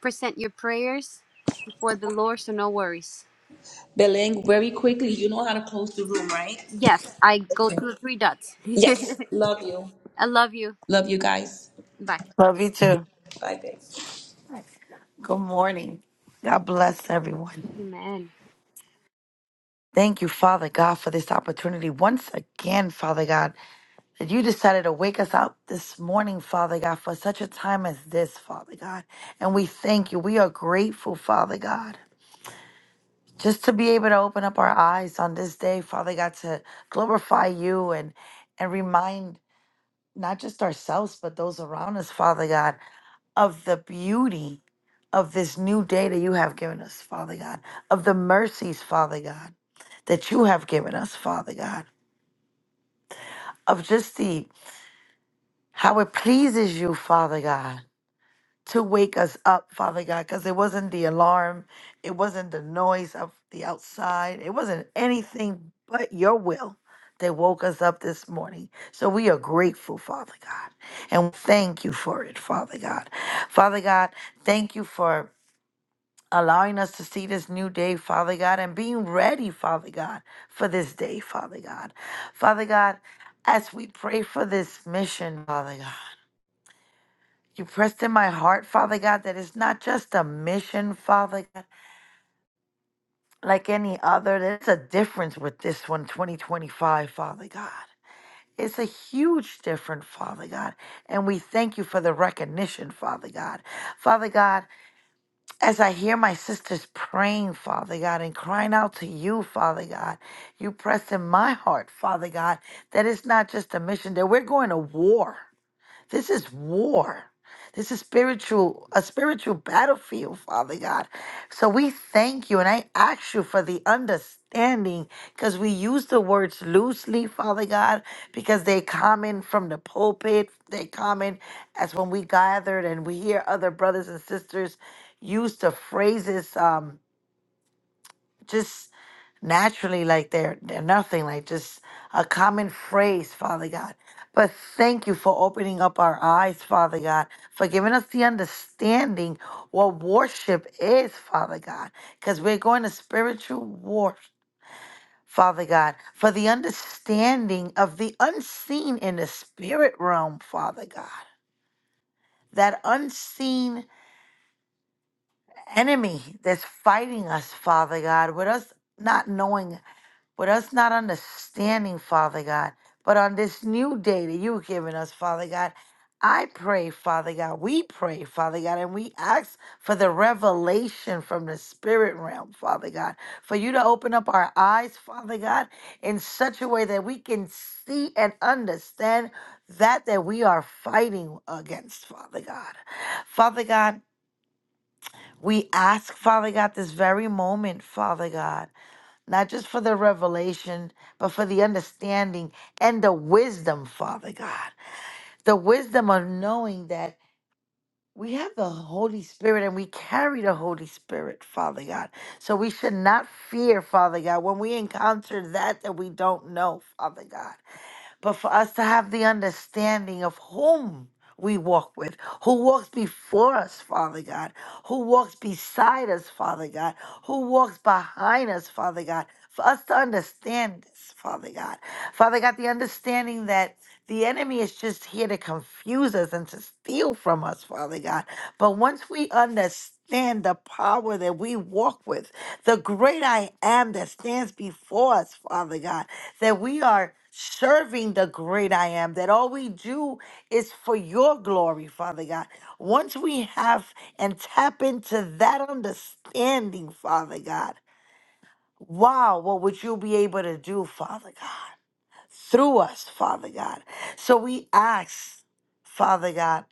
S1: present your prayers before the Lord. So no worries.
S2: Beleng, very quickly, you know how to close the room, right?
S1: Yes, I go to
S2: Okay.
S1: the three dots. [LAUGHS]
S2: Yes. Love you.
S1: I love you.
S2: Love you guys.
S1: Bye.
S3: Love you too.
S2: Bye, babe.
S3: Good morning. God bless everyone.
S1: Amen.
S3: Thank you, Father God, for this opportunity once again, Father God, that you decided to wake us up this morning, Father God, for such a time as this, Father God. And we thank you. We are grateful, Father God, just to be able to open up our eyes on this day, Father God, to glorify you and and remind not just ourselves, but those around us, Father God, of the beauty of this new day that you have given us, Father God, of the mercies, Father God, that you have given us, Father God, of just the how it pleases you, Father God, to wake us up, Father God, because it wasn't the alarm, it wasn't the noise of the outside, it wasn't anything but your will that woke us up this morning. So we are grateful, Father God, and thank you for it, Father God. Father God, thank you for. allowing us to see this new day, Father God, and being ready, Father God, for this day, Father God. Father God, as we pray for this mission, Father God, you pressed in my heart, Father God, that it's not just a mission, Father God, like any other. There's a difference with this one, 2025, Father God. It's a huge difference, Father God. And we thank you for the recognition, Father God. Father God, as I hear my sisters praying, Father God, and crying out to you, Father God, you press in my heart, Father God, that it's not just a mission, that we're going to war. This is war. This is spiritual, a spiritual battlefield, Father God. So we thank you and I ask you for the understanding because we use the words loosely, Father God, because they come in from the pulpit. They come in as when we gathered and we hear other brothers and sisters use the phrases. Um, just naturally like they're they're nothing like just a common phrase father god but thank you for opening up our eyes father god for giving us the understanding what worship is father god because we're going to spiritual war father god for the understanding of the unseen in the spirit realm father god that unseen enemy that's fighting us father god with us not knowing with us not understanding, Father God, but on this new day that you've given us, Father God, I pray, Father God, we pray, Father God, and we ask for the revelation from the spirit realm, Father God, for you to open up our eyes, Father God, in such a way that we can see and understand that that we are fighting against, Father God. Father God, we ask, Father God, this very moment, Father God not just for the revelation, but for the understanding and the wisdom, Father God. The wisdom of knowing that we have the Holy Spirit and we carry the Holy Spirit, Father God. So we should not fear, Father God, when we encounter that that we don't know, Father God but for us to have the understanding of whom we walk with, who walks before us, Father God, who walks beside us, Father God, who walks behind us, Father God, for us to understand this, Father God. Father God, the understanding that the enemy is just here to confuse us and to steal from us, Father God. But once we understand the power that we walk with, the great I am that stands before us, Father God that we are serving the great I am, that all we do is for your glory, Father God. Once we have and tap into that understanding, Father God, wow, what would you be able to do, Father God, through us, Father God? So we ask, Father God,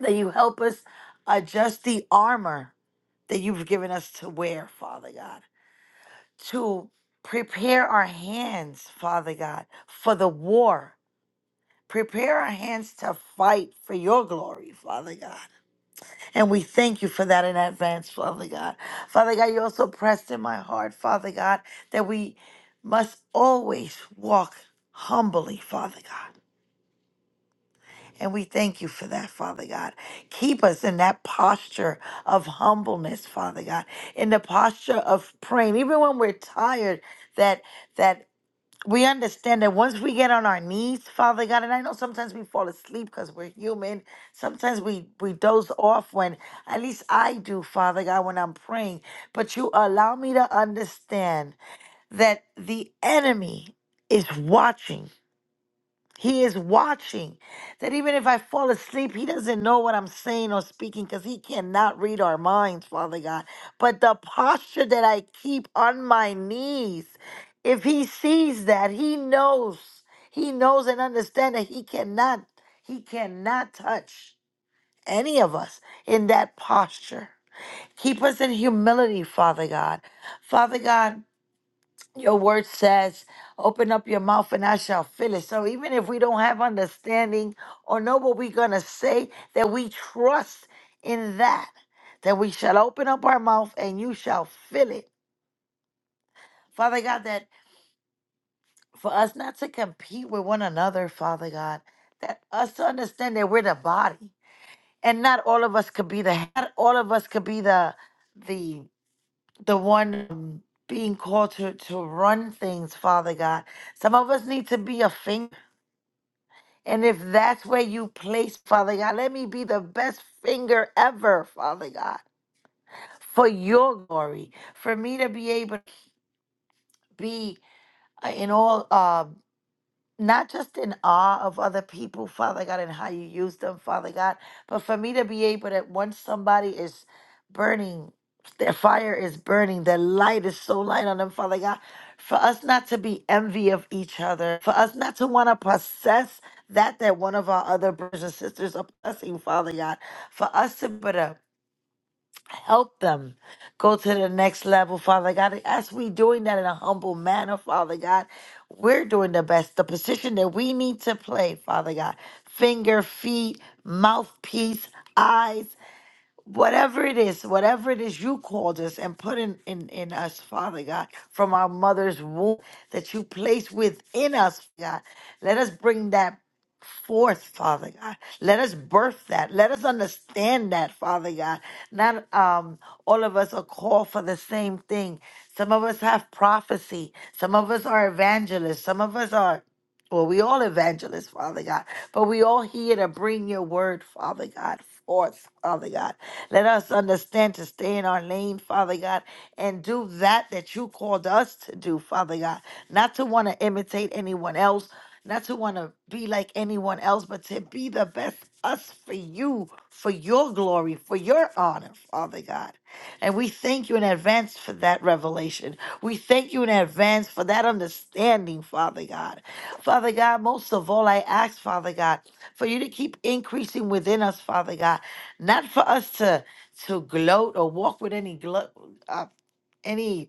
S3: that you help us adjust the armor that you've given us to wear, Father God, to prepare our hands, Father God, for the war Prepare our hands to fight for your glory, Father God. And we thank you for that in advance, Father God. Father God, you also pressed in my heart, Father God, that we must always walk humbly, Father God. And we thank you for that, Father God. Keep us in that posture of humbleness, Father God, in the posture of praying, even when we're tired, that that we understand that once we get on our knees, Father God, and I know sometimes we fall asleep because we're human. Sometimes we, we doze off when, at least I do, Father God, when I'm praying. But you allow me to understand that the enemy is watching he is watching. That even if I fall asleep, He doesn't know what I'm saying or speaking because He cannot read our minds, Father God. But the posture that I keep on my knees, if He sees that, He knows. He knows and understands that He cannot, He cannot touch any of us in that posture. Keep us in humility, Father God. Father God, your word says, open up your mouth and I shall fill it. So even if we don't have understanding or know what we're going to say, that we trust in that, that we shall open up our mouth and you shall fill it. Father God, that for us not to compete with one another, Father God, that us to understand that we're the body and not all of us could be the, not all of us could be the, the the one um, being called to, to run things, Father God. Some of us need to be a finger. And if that's where you place, Father God, let me be the best finger ever, Father God, for your glory, for me to be able to be uh, in all. Um, not just in awe of other people, Father God, and how you use them, Father God, but for me to be able that once somebody is burning, their fire is burning, their light is so light on them, Father God, for us not to be envy of each other, for us not to want to possess that that one of our other brothers and sisters are possessing, Father God, for us to be able Help them go to the next level, Father God. As we doing that in a humble manner, Father God, we're doing the best, the position that we need to play, Father God. Finger, feet, mouthpiece, eyes whatever it is, whatever it is you called us and put in, in, in us, Father God, from our mother's womb that you place within us, God, let us bring that forth, Father God. Let us birth that. Let us understand that, Father God. Not um all of us are called for the same thing. Some of us have prophecy. Some of us are evangelists. Some of us are well, we all evangelists, Father God, but we all here to bring your word, Father God, forth, Father God. Let us understand to stay in our lane, Father God, and do that that you called us to do, Father God. Not to want to imitate anyone else, not to want to be like anyone else, but to be the best us for you, for your glory, for your honor, Father God. And we thank you in advance for that revelation. We thank you in advance for that understanding, Father God. Father God, most of all, I ask, Father God, for you to keep increasing within us, Father God, not for us to to gloat or walk with any glo- uh, any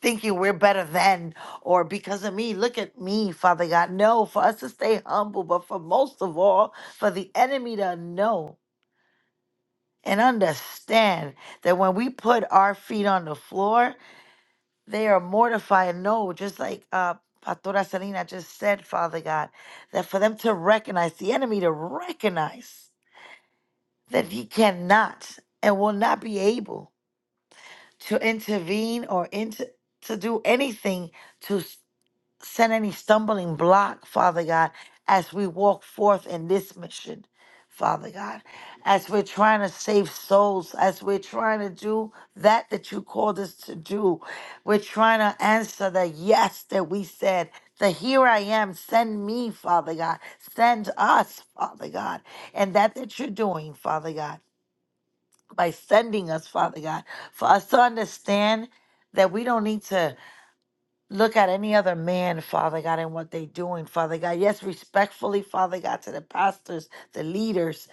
S3: thinking we're better than or because of me. Look at me, Father God. No, for us to stay humble, but for most of all, for the enemy to know and understand that when we put our feet on the floor, they are mortified. No, just like uh Pastora Selena just said, Father God, that for them to recognize, the enemy to recognize that he cannot and will not be able to intervene or into to do anything to. Send any stumbling block, Father God, as we walk forth in this mission, Father God, as we're trying to save souls, as we're trying to do that that you called us to do. We're trying to answer the yes that we said, the here I am, send me, Father God, send us, Father God, and that that you're doing, Father God, by sending us, Father God, for us to understand that we don't need to Look at any other man, Father God, and what they're doing, Father God. Yes, respectfully, Father God, to the pastors, the leaders,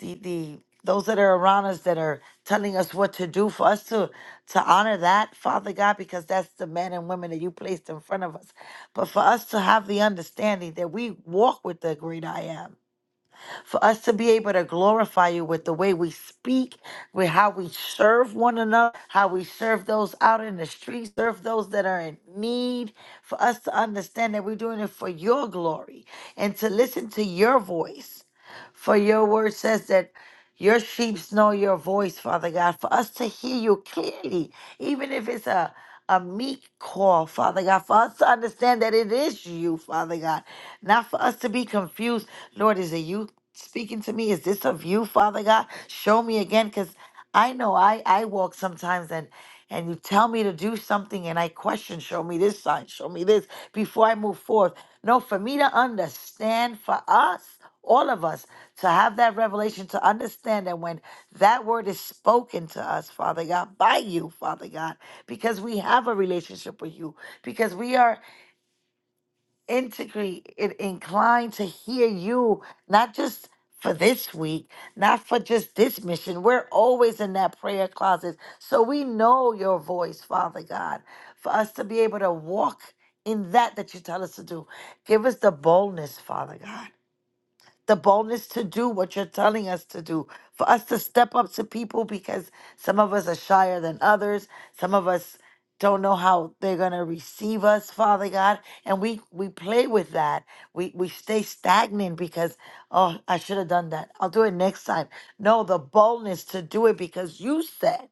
S3: the the those that are around us that are telling us what to do for us to to honor that, Father God, because that's the men and women that you placed in front of us. But for us to have the understanding that we walk with the great I am for us to be able to glorify you with the way we speak, with how we serve one another, how we serve those out in the streets, serve those that are in need, for us to understand that we're doing it for your glory and to listen to your voice. For your word says that your sheep know your voice, Father God, for us to hear you clearly, even if it's a a meek call, Father God, for us to understand that it is you, Father God, not for us to be confused. Lord, is it you? speaking to me? Is this of you, Father God? Show me again, because I know I I walk sometimes and and you tell me to do something and I question, show me this sign, show me this before I move forth. No, for me to understand, for us, all of us, to have that revelation, to understand that when that word is spoken to us, Father God, by you, Father God, because we have a relationship with you, because we are integrate and inclined to hear you, not just for this week, not for just this mission. We're always in that prayer closet. So we know your voice, Father God, for us to be able to walk in that that you tell us to do. Give us the boldness, Father God the boldness to do what you're telling us to do, for us to step up to people because some of us are shyer than others. Some of us don't know how they're going to receive us, Father God. And we, we play with that. We, we stay stagnant because, oh, I should have done that. I'll do it next time. No, the boldness to do it because you said,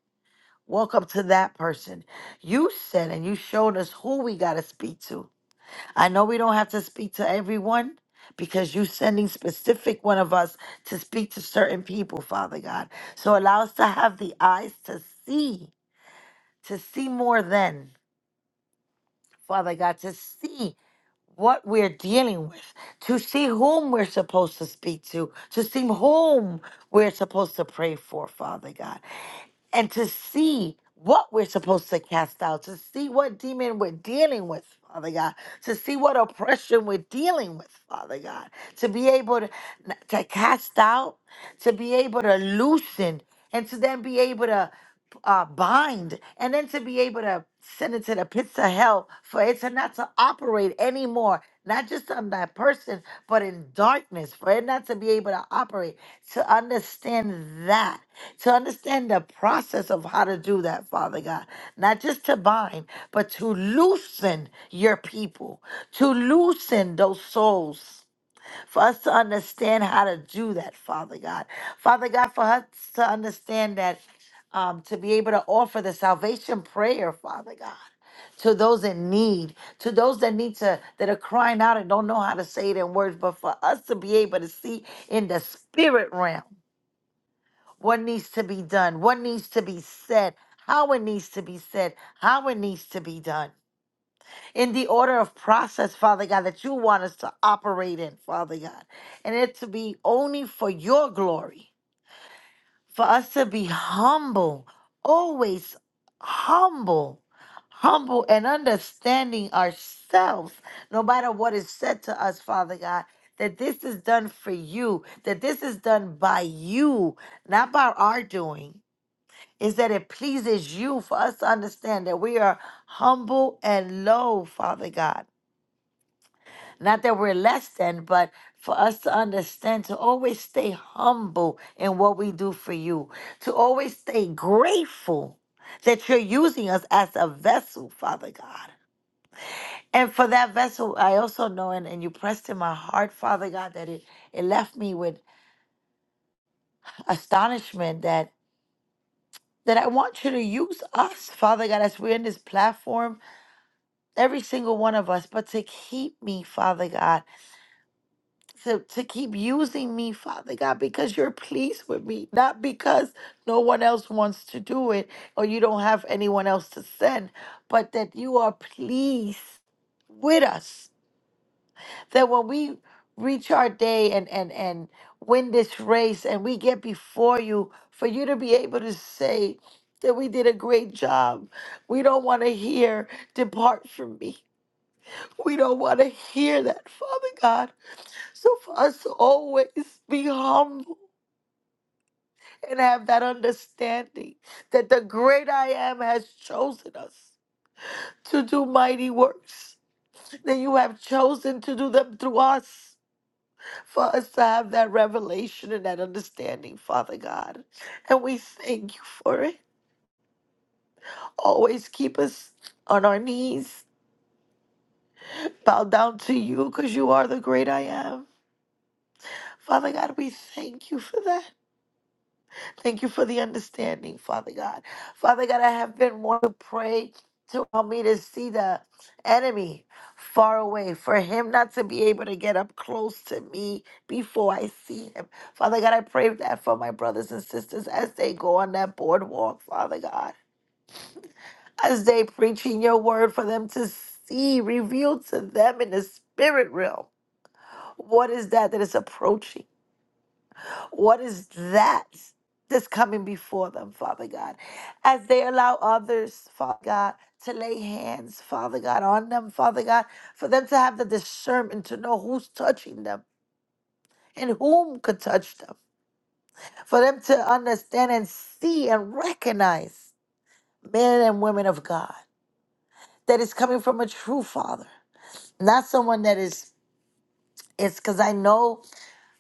S3: Welcome to that person. You said, and you showed us who we got to speak to. I know we don't have to speak to everyone because you're sending specific one of us to speak to certain people, Father God. So allow us to have the eyes to see, to see more than, Father God, to see what we're dealing with, to see whom we're supposed to speak to, to see whom we're supposed to pray for, Father God and to see what we're supposed to cast out, to see what demon we're dealing with, Father God, to see what oppression we're dealing with, Father God, to be able to, to cast out, to be able to loosen, and to then be able to uh, bind and then to be able to send it to the pits of hell for it to not to operate anymore not just on that person but in darkness for it not to be able to operate to understand that to understand the process of how to do that father god not just to bind but to loosen your people to loosen those souls for us to understand how to do that, Father God. Father God, for us to understand that, um, to be able to offer the salvation prayer, Father God. To those in need, to those that need to, that are crying out and don't know how to say it in words, but for us to be able to see in the spirit realm what needs to be done, what needs to be said, how it needs to be said, how it needs to be done in the order of process, Father God, that you want us to operate in, Father God. And it to be only for your glory, for us to be humble, always humble, humble and understanding ourselves, no matter what is said to us, Father God. That this is done for you, that this is done by you, not by our doing. Is that it pleases you for us to understand that we are humble and low, Father God not that we're less than, but for us to understand to always stay humble in what we do for you, to always stay grateful that you're using us as a vessel, Father God. And for that vessel, I also know, and, and you pressed in my heart, Father God, that it, it left me with astonishment that that I want you to use us, Father God, as we're in this platform, every single one of us, but to keep me, Father God. to, to keep using me, Father God, because you're pleased with me, not because no one else wants to do it or you don't have anyone else to send, but that you are pleased with us. That when we reach our day and, and, and win this race and we get before you, for you to be able to say that we did a great job, we don't want to hear, depart from me. We don't want to hear that, Father God. So for us to always be humble and have that understanding that the great I am has chosen us to do mighty works, that you have chosen to do them through us. For us to have that revelation and that understanding, Father God. And we thank you for it. Always keep us on our knees, bow down to you because you are the great I am. Father God, we thank you for that. Thank you for the understanding, Father God. Father God, I have been wanting to pray to help me to see the enemy far away, for him not to be able to get up close to me before I see him. Father God, I pray that for my brothers and sisters as they go on that boardwalk, Father God, as they preaching your word for them to see, reveal to them in the spirit realm what is that that is approaching. What is that that's coming before them, Father God? As they allow others, Father God, to lay hands, Father God, on them, Father God, for them to have the discernment to know who's touching them and whom could touch them, for them to understand and see and recognize men and women of God that is coming from a true Father, not someone that is. It's because I know.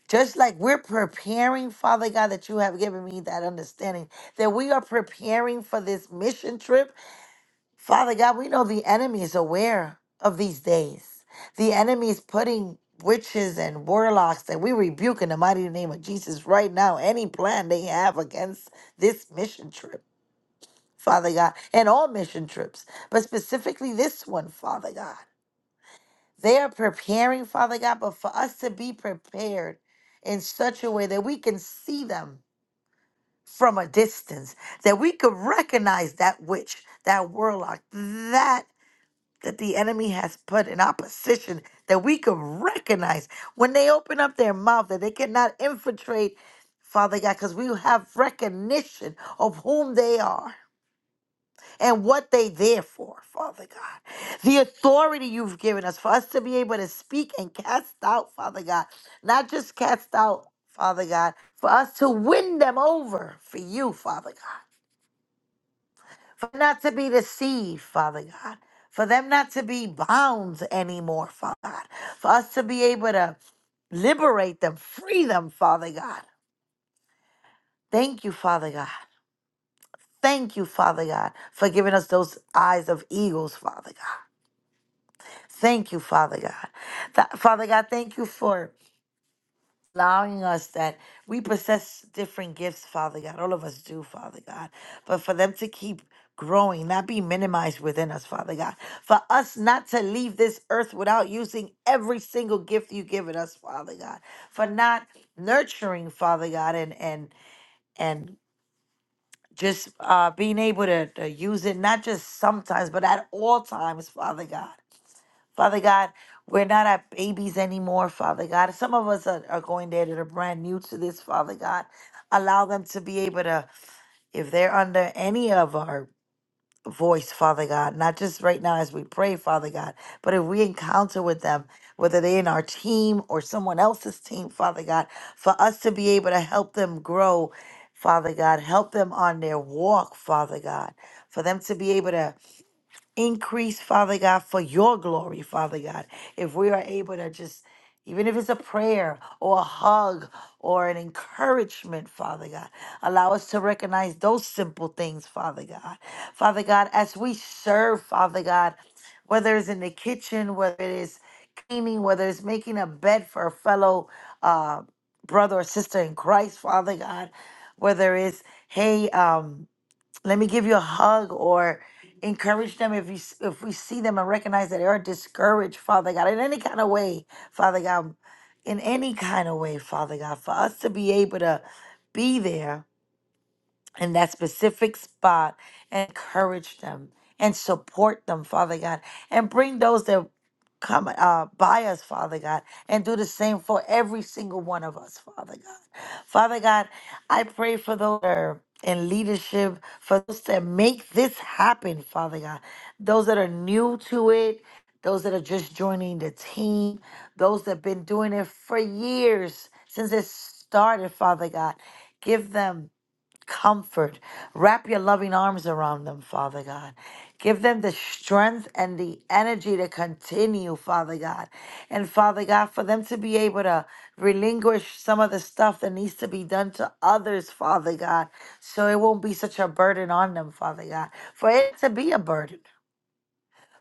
S3: Just like we're preparing, Father God, that you have given me that understanding that we are preparing for this mission trip. Father God, we know the enemy is aware of these days. The enemy is putting witches and warlocks, and we rebuke in the mighty name of Jesus right now any plan they have against this mission trip, Father God, and all mission trips, but specifically this one, Father God. They are preparing, Father God, but for us to be prepared in such a way that we can see them from a distance, that we could recognize that witch, that warlock, that that the enemy has put in opposition, that we could recognize when they open up their mouth, that they cannot infiltrate, Father God, because we have recognition of whom they are and what they there for, Father God. The authority you've given us for us to be able to speak and cast out, Father God. Not just cast out, Father God, for us to win them over for you, Father God. For not to be deceived, Father God. For them not to be bound anymore, Father God. For us to be able to liberate them, free them, Father God. Thank you, Father God. Thank you, Father God, for giving us those eyes of eagles, Father God. Thank you, Father God. Tha- Father God, thank you for allowing us that we possess different gifts, Father God. All of us do, Father God. But for them to keep growing, not be minimized within us, Father God. For us not to leave this earth without using every single gift you've given us, Father God. For not nurturing, Father God, and and and just uh, being able to, to use it, not just sometimes, but at all times, Father God. Father God, we're not at babies anymore, Father God. Some of us are, are going there that are brand new to this, Father God. Allow them to be able to, if they're under any of our voice, Father God, not just right now as we pray, Father God, but if we encounter with them, whether they're in our team or someone else's team, Father God, for us to be able to help them grow, Father God, help them on their walk, Father God, for them to be able to. Increase, Father God, for your glory, Father God. If we are able to just, even if it's a prayer or a hug or an encouragement, Father God, allow us to recognize those simple things, Father God. Father God, as we serve, Father God, whether it's in the kitchen, whether it is cleaning, whether it's making a bed for a fellow uh, brother or sister in Christ, Father God, whether it's, hey, um, let me give you a hug or encourage them if you s- if we see them and recognize that they are discouraged father god in any kind of way father god in any kind of way father god for us to be able to be there in that specific spot and encourage them and support them, Father God, and bring those that come uh, by us, Father God, and do the same for every single one of us, Father God. Father God, I pray for those that are in leadership, for those that make this happen, Father God, those that are new to it. Those that are just joining the team, those that have been doing it for years since it started, Father God, give them comfort. Wrap your loving arms around them, Father God. Give them the strength and the energy to continue, Father God. And Father God, for them to be able to relinquish some of the stuff that needs to be done to others, Father God, so it won't be such a burden on them, Father God. For it to be a burden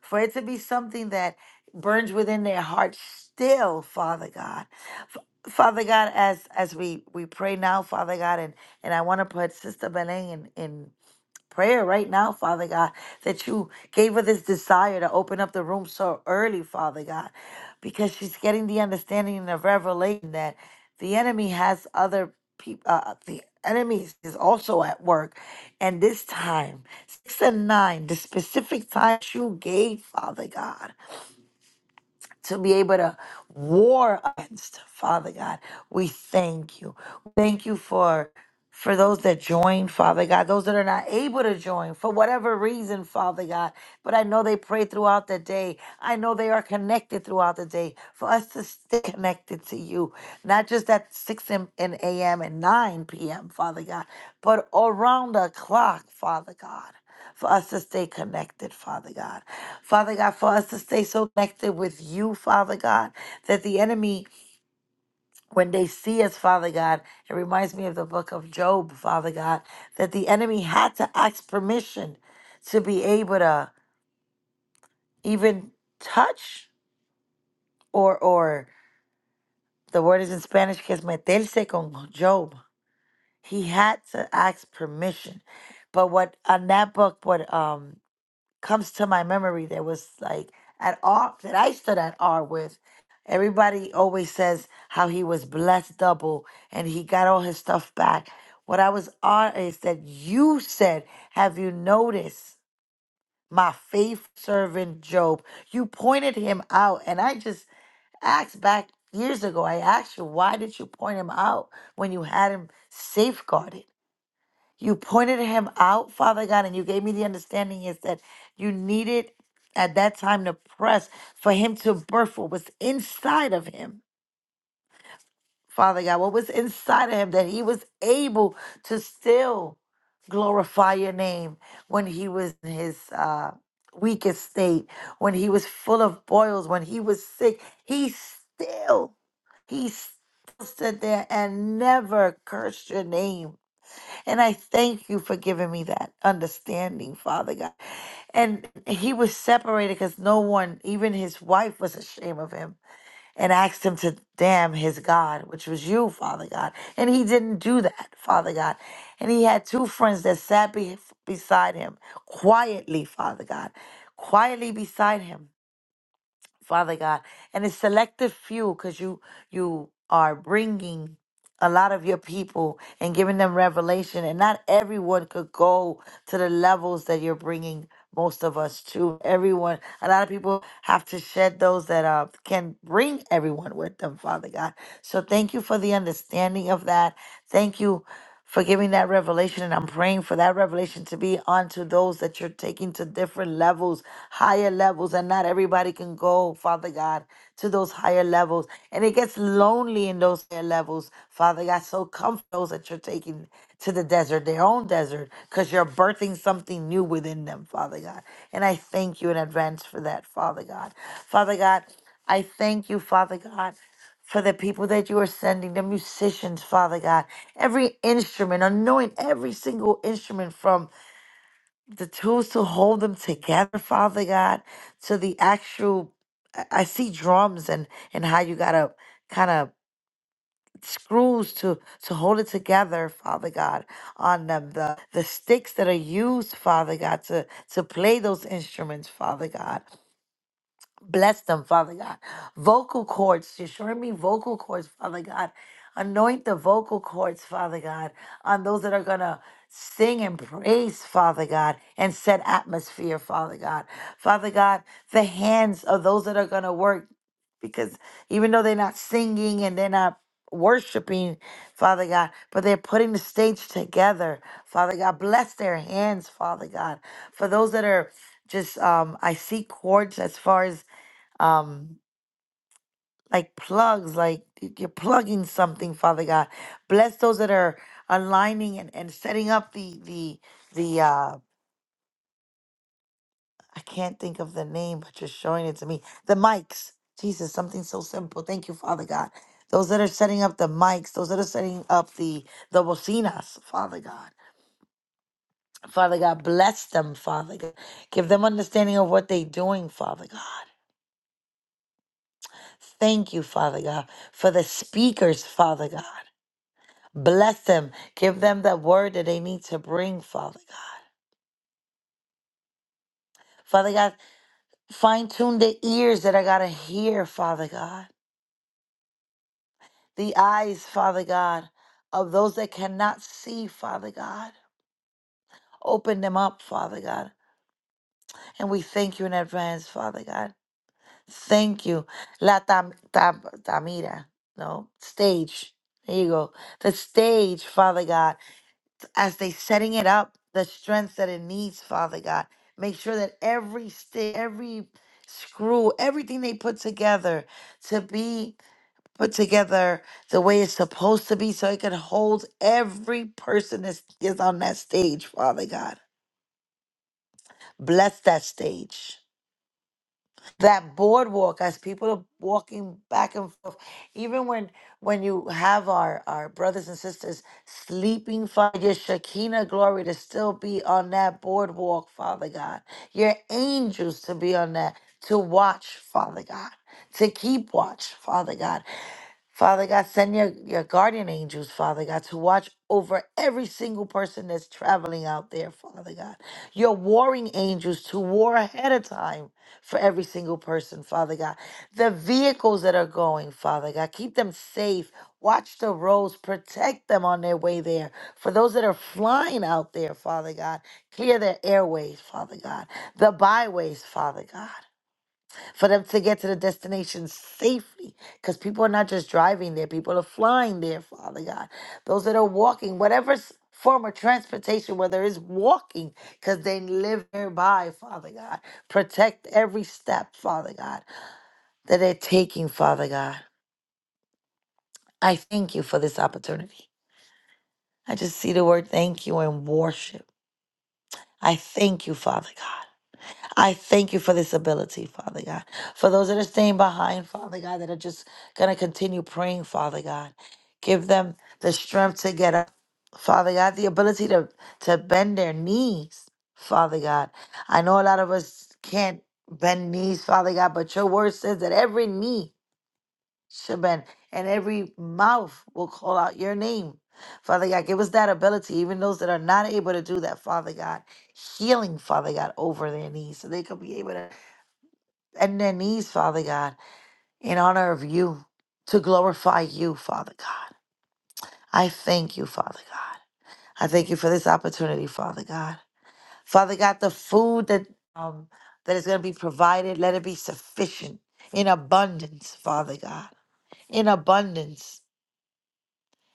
S3: for it to be something that burns within their heart still, Father God. F- Father God, as as we we pray now, Father God, and and I want to put Sister Benning in in prayer right now, Father God, that you gave her this desire to open up the room so early, Father God, because she's getting the understanding and the revelation that the enemy has other people, uh, uh, the enemy is also at work. And this time, six and nine, the specific time you gave, Father God to be able to war against. Father God, we thank you. Thank you for for those that join, Father God, those that are not able to join for whatever reason, Father God. But I know they pray throughout the day. I know they are connected throughout the day. For us to stay connected to you, not just at 6 a.m. and a.m. and 9 p.m., Father God, but around the clock, Father God. For us to stay connected, Father God. Father God, for us to stay so connected with you, Father God, that the enemy, when they see us, Father God, it reminds me of the book of Job, Father God, that the enemy had to ask permission to be able to even touch or, or the word is in Spanish, que es meterse con Job. He had to ask permission. But what on that book, what um comes to my memory that was like at R that I stood at R with. Everybody always says how he was blessed double and he got all his stuff back. What I was on is that you said, Have you noticed my faith servant Job? You pointed him out. And I just asked back years ago, I asked you, Why did you point him out when you had him safeguarded? You pointed him out, Father God, and you gave me the understanding is that you needed at that time to press for him to birth what was inside of him, Father God, what was inside of him, that he was able to still glorify your name when he was in his uh, weakest state, when he was full of boils, when he was sick. He still, he still stood there and never cursed your name and I thank you for giving me that understanding, Father God. And he was separated because no one, even his wife, was ashamed of him and asked him to damn his God, which was you, Father God. And he didn't do that, Father God. And he had two friends that sat be- beside him quietly, Father God, quietly beside him. Father God. And it's selective few because you you are bringing a lot of your people and giving them revelation. And not everyone could go to the levels that you're bringing most of us to. Everyone, a lot of people have to shed those that uh, can bring everyone with them, Father God. So thank you for the understanding of that. Thank you for giving that revelation. And I'm praying for that revelation to be onto those that you're taking to different levels, higher levels. And not everybody can go, Father God, to those higher levels. And it gets lonely in those higher levels, Father God. So comfort those that you're taking to the desert, their own desert, because you're birthing something new within them, Father God. And I thank you in advance for that, Father God. Father God, I thank you, Father God for the people that you are sending, the musicians, Father God. Every instrument, anoint every single instrument from the tools to hold them together, Father God, to the actual. I I see drums and and how you gotta kind of screws to to hold it together, Father God, on them. The the sticks that are used, Father God, to to play those instruments, Father God. Bless them, Father God. Vocal cords, destroy me vocal cords, Father God. Anoint the vocal cords, Father God, on those that are going to sing and praise, Father God, and set atmosphere, Father God. Father God, the hands of those that are going to work, because even though they're not singing and they're not worshiping, Father God, but they're putting the stage together, Father God. Bless their hands, Father God. For those that are just um I see cords as far as um like plugs like y- you're plugging something father god bless those that are aligning and, and setting up the the the uh i can't think of the name but you're showing it to me the mics jesus something so simple thank you father god those that are setting up the mics those that are setting up the the bocinas father god father god bless them father god give them understanding of what they're doing father god thank you father god for the speakers father god Bless them. Give them that word that they need to bring, Father God. Father God, fine tune the ears that I got to hear, Father God. The eyes, Father God, of those that cannot see, Father God. Open them up, Father God. And we thank you in advance, Father God. Thank you. La tam, tam, Tamira, no, stage. There you go. The stage, Father God. as they setting it up the strength that it needs father god make sure that every stick every screw everything they put together to be put together the way it's supposed to be so it can hold every person that is on that stage father god bless that stage that boardwalk as people are walking back and forth even when when you have our our brothers and sisters sleeping father your shekinah glory to still be on that boardwalk father god your angels to be on that to watch father god to keep watch father god Father God, send your, your guardian angels, Father God, to watch over every single person that's traveling out there, Father God. Your warring angels to war ahead of time for every single person, Father God. The vehicles that are going, Father God, keep them safe. Watch the roads, protect them on their way there. For those that are flying out there, Father God, clear their airways, Father God, the byways, Father God for them to get to the destination safely. Because people are not just driving there, people are flying there, Father God. Those that are walking, whatever s- form of transportation, whether it's walking, because they live nearby, Father God. Protect every step, Father God, that they're taking, Father God. I thank you for this opportunity. I just see the word thank you and worship. I thank you, Father God. I thank you for this ability, Father God. For those that are staying behind, Father God, that are just going to continue praying, Father God, give them the strength to get up, Father God, the ability to, to bend their knees, Father God. I know a lot of us can't bend knees, Father God, but your word says that every knee Shaban, and every mouth will call out your name. Father God, give us that ability, even those that are not able to do that, Father God. Healing, Father God, over their knees so they could be able to bend their knees, Father God, in honor of you, to glorify you, Father God. I thank you, Father God. I thank you for this opportunity, Father God. Father God, the food that um that is going to be provided, let it be sufficient in abundance, Father God. In abundance.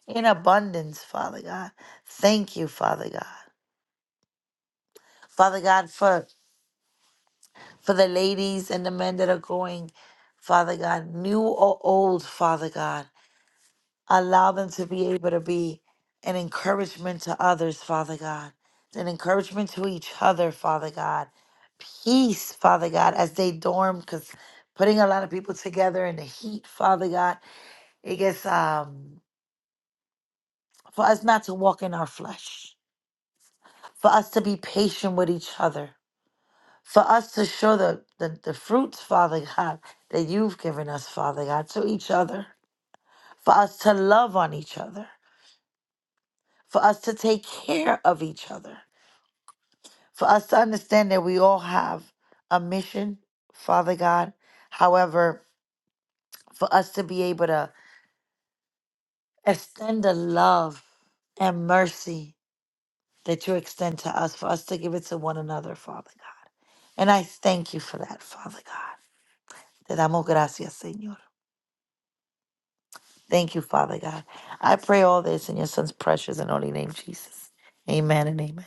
S3: in abundance, Father God. Thank you, Father God. Father God, for for the ladies and the men that are going, Father God, new or old, Father God, allow them to be able to be an encouragement to others, Father God, an encouragement to each other, Father God. Peace, Father God, as they dorm, because putting a lot of people together in the heat, Father God, it gets um for us not to walk in our flesh, for us to be patient with each other for us to show the, the, the fruits, Father God, that you've given us, Father God, to each other, for us to love on each other, for us to take care of each other, for us to understand that we all have a mission, Father God. However, for us to be able to extend the love and mercy that you extend to us, for us to give it to one another, Father God. And I thank you for that, Father God. Te damos gracias, Señor. Thank you, Father God. I pray all this in your son's precious and holy name, Jesus. Amen and amen.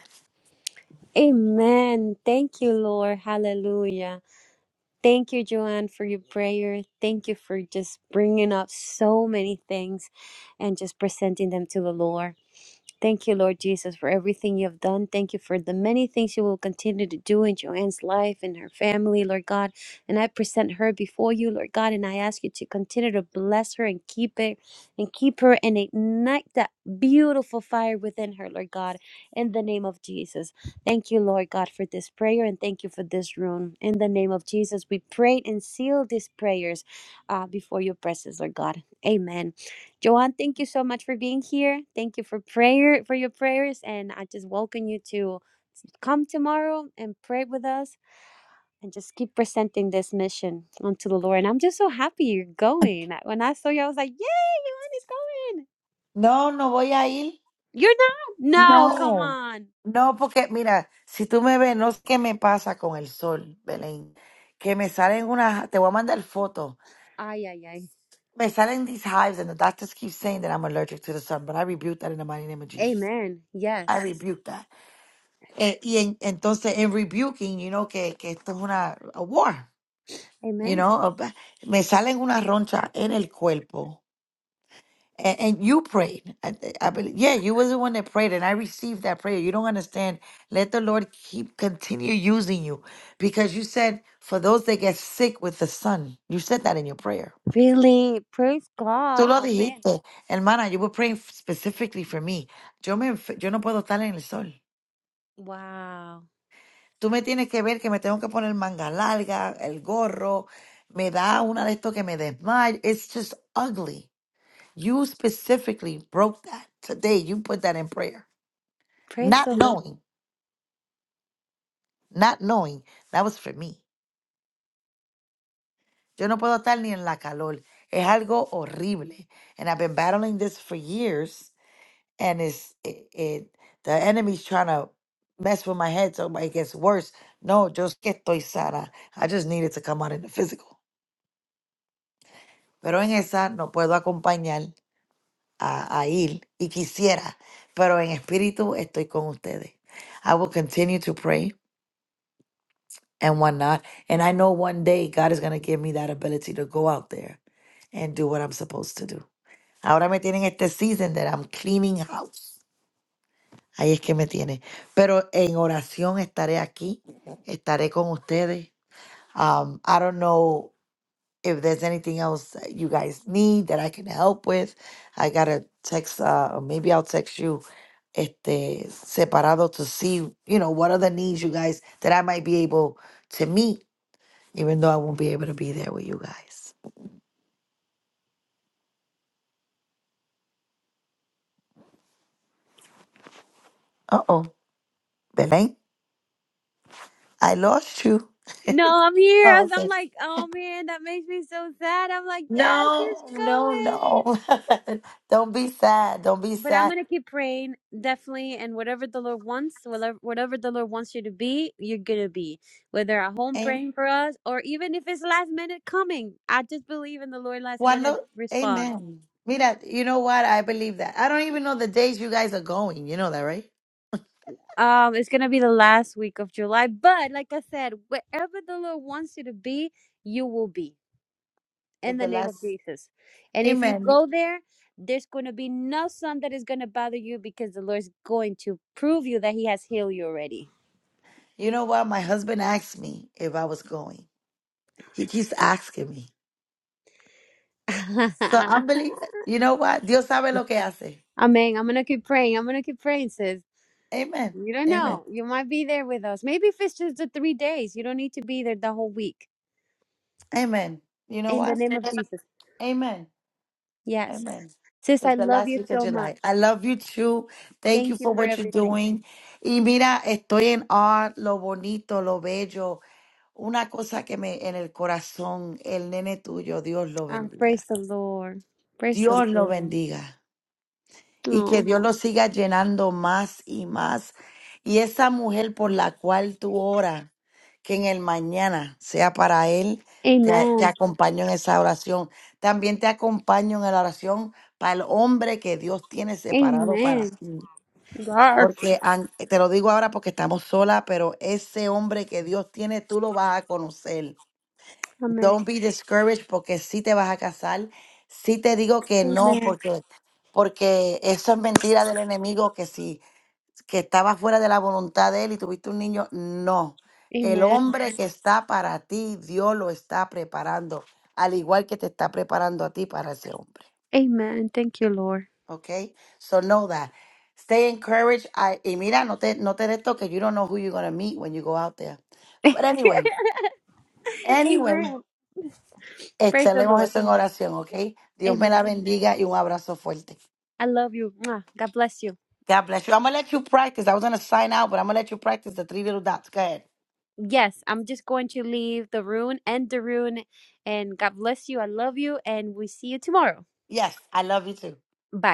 S1: Amen. Thank you, Lord. Hallelujah. Thank you, Joanne, for your prayer. Thank you for just bringing up so many things and just presenting them to the Lord. Thank you, Lord Jesus, for everything you have done. Thank you for the many things you will continue to do in Joanne's life and her family, Lord God. And I present her before you, Lord God, and I ask you to continue to bless her and keep it and keep her and ignite that beautiful fire within her, Lord God, in the name of Jesus. Thank you, Lord God, for this prayer and thank you for this room. In the name of Jesus, we pray and seal these prayers uh, before your presence, Lord God. Amen. Joanne, thank you so much for being here. Thank you for prayer for your prayers, and I just welcome you to come tomorrow and pray with us, and just keep presenting this mission unto the Lord. And I'm just so happy you're going. When I saw you, I was like, "Yeah, Joanne is going.
S3: No, no voy a ir.
S1: You're not? No, come
S3: No.
S1: on.
S3: No, porque mira, si tú me ves, no sé qué me pasa con el sol, Belén. Que me salen unas, te voy a mandar fotos.
S1: Ay, ay, ay.
S3: Me salen these hives and the doctors keep saying that I'm allergic to the sun, but I rebuke that in the mighty name of Jesus.
S1: Amen.
S3: I
S1: Yes.
S3: rebuke that. Eh, y en- entonces, en rebuking, you know, que, que esto es una a war, you
S1: Amen.
S3: know. a ba- me salen unas ronchas en el cuerpo and, and you prayed. I, th- I believe, yeah, you was the one that prayed, and I received that prayer. You don't understand. Let the Lord keep continue using you, because you said for those that get sick with the sun, you said that in your prayer.
S1: Really, praise God.
S3: Tú lo
S1: Amen.
S3: dijiste, hermana. You were praying specifically for me. Yo me, enf- yo no puedo estar en el sol.
S1: Wow.
S3: Tú me tienes que ver que me tengo que poner manga larga, el gorro. Me da una de esto que me desmayo. It's just ugly. You specifically broke that today. You put that in prayer.
S1: Praise the
S3: Not
S1: Lord.
S3: knowing, not knowing, that was for me. Yo no puedo estar ni en la calor. Es algo horrible. And I've been battling this for years. And it's it, it the enemy's trying to mess with my head so it gets worse. No, yo es que estoy sana. I just needed to come out in the physical. Pero en esa no puedo acompañar a, a Ir y quisiera. Pero en espíritu estoy con ustedes. I will continue to pray. and whatnot. And I know one day God is going to give me that ability to go out there and do what I'm supposed to do. Ahora me tienen este season that I'm cleaning house. Ahí es que me tienen. Pero en oración estaré aquí, estaré con ustedes. Um, I don't know if there's anything else that you guys need that I can help with. I got to text, uh, or maybe I'll text you este, separado to see, you know, what are the needs you guys that I might be able to meet even though I won't be able to be there with you guys. Uh oh, Belen, I lost you.
S1: No, I'm here. I-
S3: Oh,
S1: was- I'm
S3: okay.
S1: like, oh man, that makes me so sad. I'm like, yeah, she's
S3: No, no,
S1: going.
S3: no. [LAUGHS] Don't be sad. Don't be
S1: But I'm
S3: sad.
S1: gonna keep praying, definitely. And whatever the Lord wants, whatever whatever the Lord wants you to be, you're gonna be. Whether at home
S3: Am-
S1: praying for us, or even if it's last minute coming, I just believe in the Lord last minute
S3: cuando-
S1: response.
S3: Amen. Mira, you know what? I believe that. I don't even know the days you guys are going. You know that, right?
S1: Um, it's gonna be the last week of July, but like I said, wherever the Lord wants you to be, you will be in
S3: It's
S1: the
S3: the
S1: name of
S3: last.
S1: Jesus. And if you
S3: Amen.
S1: go there, there's going to be no sun that is going to bother you because the Lord's going to prove you that He has healed you already.
S3: You know what? My husband asked me if I was going. She keeps asking me.
S1: [LAUGHS]
S3: So
S1: Amen.
S3: I'm believing, you know what? Dios sabe lo que hace.
S1: I'm going to keep praying. I'm going to keep praying, sis.
S3: Amen.
S1: You don't
S3: Amen.
S1: know. You might be there with us. Maybe if it's just the three days, you don't need to be there the whole week.
S3: Amen. You know
S1: In the
S3: what?
S1: name of Jesus.
S3: Amen.
S1: Yes.
S3: Amen.
S1: Sis, I
S3: It's the
S1: love
S3: last
S1: you
S3: week of
S1: so much.
S3: July. I love you too. Thank you
S1: Thank you
S3: for
S1: for
S3: what you're
S1: everything.
S3: doing. Y mira, estoy en awe, lo bonito, lo bello. Una cosa que me en el corazón, el nene tuyo, Dios lo
S1: Oh, praise
S3: bendiga.
S1: the Lord. Praise the
S3: Dios lo
S1: Lord.
S3: bendiga. y que
S1: Oh,
S3: Dios lo siga llenando más y más. Y esa mujer por la cual tú oras, que en el mañana sea para él, te, a- te
S1: amen.
S3: acompaño en esa oración. También te acompaño en la oración para el hombre que Dios tiene separado para
S1: Amen.
S3: ti.
S1: Garf.
S3: Porque an- te lo digo ahora porque estamos solas, pero ese hombre que Dios tiene, tú lo vas a conocer.
S1: Amen.
S3: Don't be discouraged porque sí te vas a casar. Sí te digo que no
S1: Amen.
S3: porque porque eso es mentira del enemigo que si que estaba fuera de la voluntad de él y tuviste un niño, no. El
S1: Amen.
S3: hombre que está para ti, Dios lo está preparando, al igual que te está preparando a ti para ese hombre.
S1: Amen. Thank you, Lord.
S3: Okay? So know that. Stay encouraged. I- y mira, no te no te des toque. You don't know who you're going to meet when you go out there. But anyway,
S1: [LAUGHS]
S3: anyway.
S1: Amen. Praise the
S3: Estaremos
S1: Lord.
S3: eso en oración, okay? Dios me la
S1: Amen.
S3: bendiga y un abrazo fuerte.
S1: I love you. Mwah. God bless you.
S3: God bless you. I'm gonna let you practice. I was gonna sign out, but I'm gonna let you practice the three little dots. Go ahead.
S1: Yes, I'm just going to leave the room and the room. And God bless you. I love you. And we see you tomorrow.
S3: Yes, I love you too.
S1: Bye.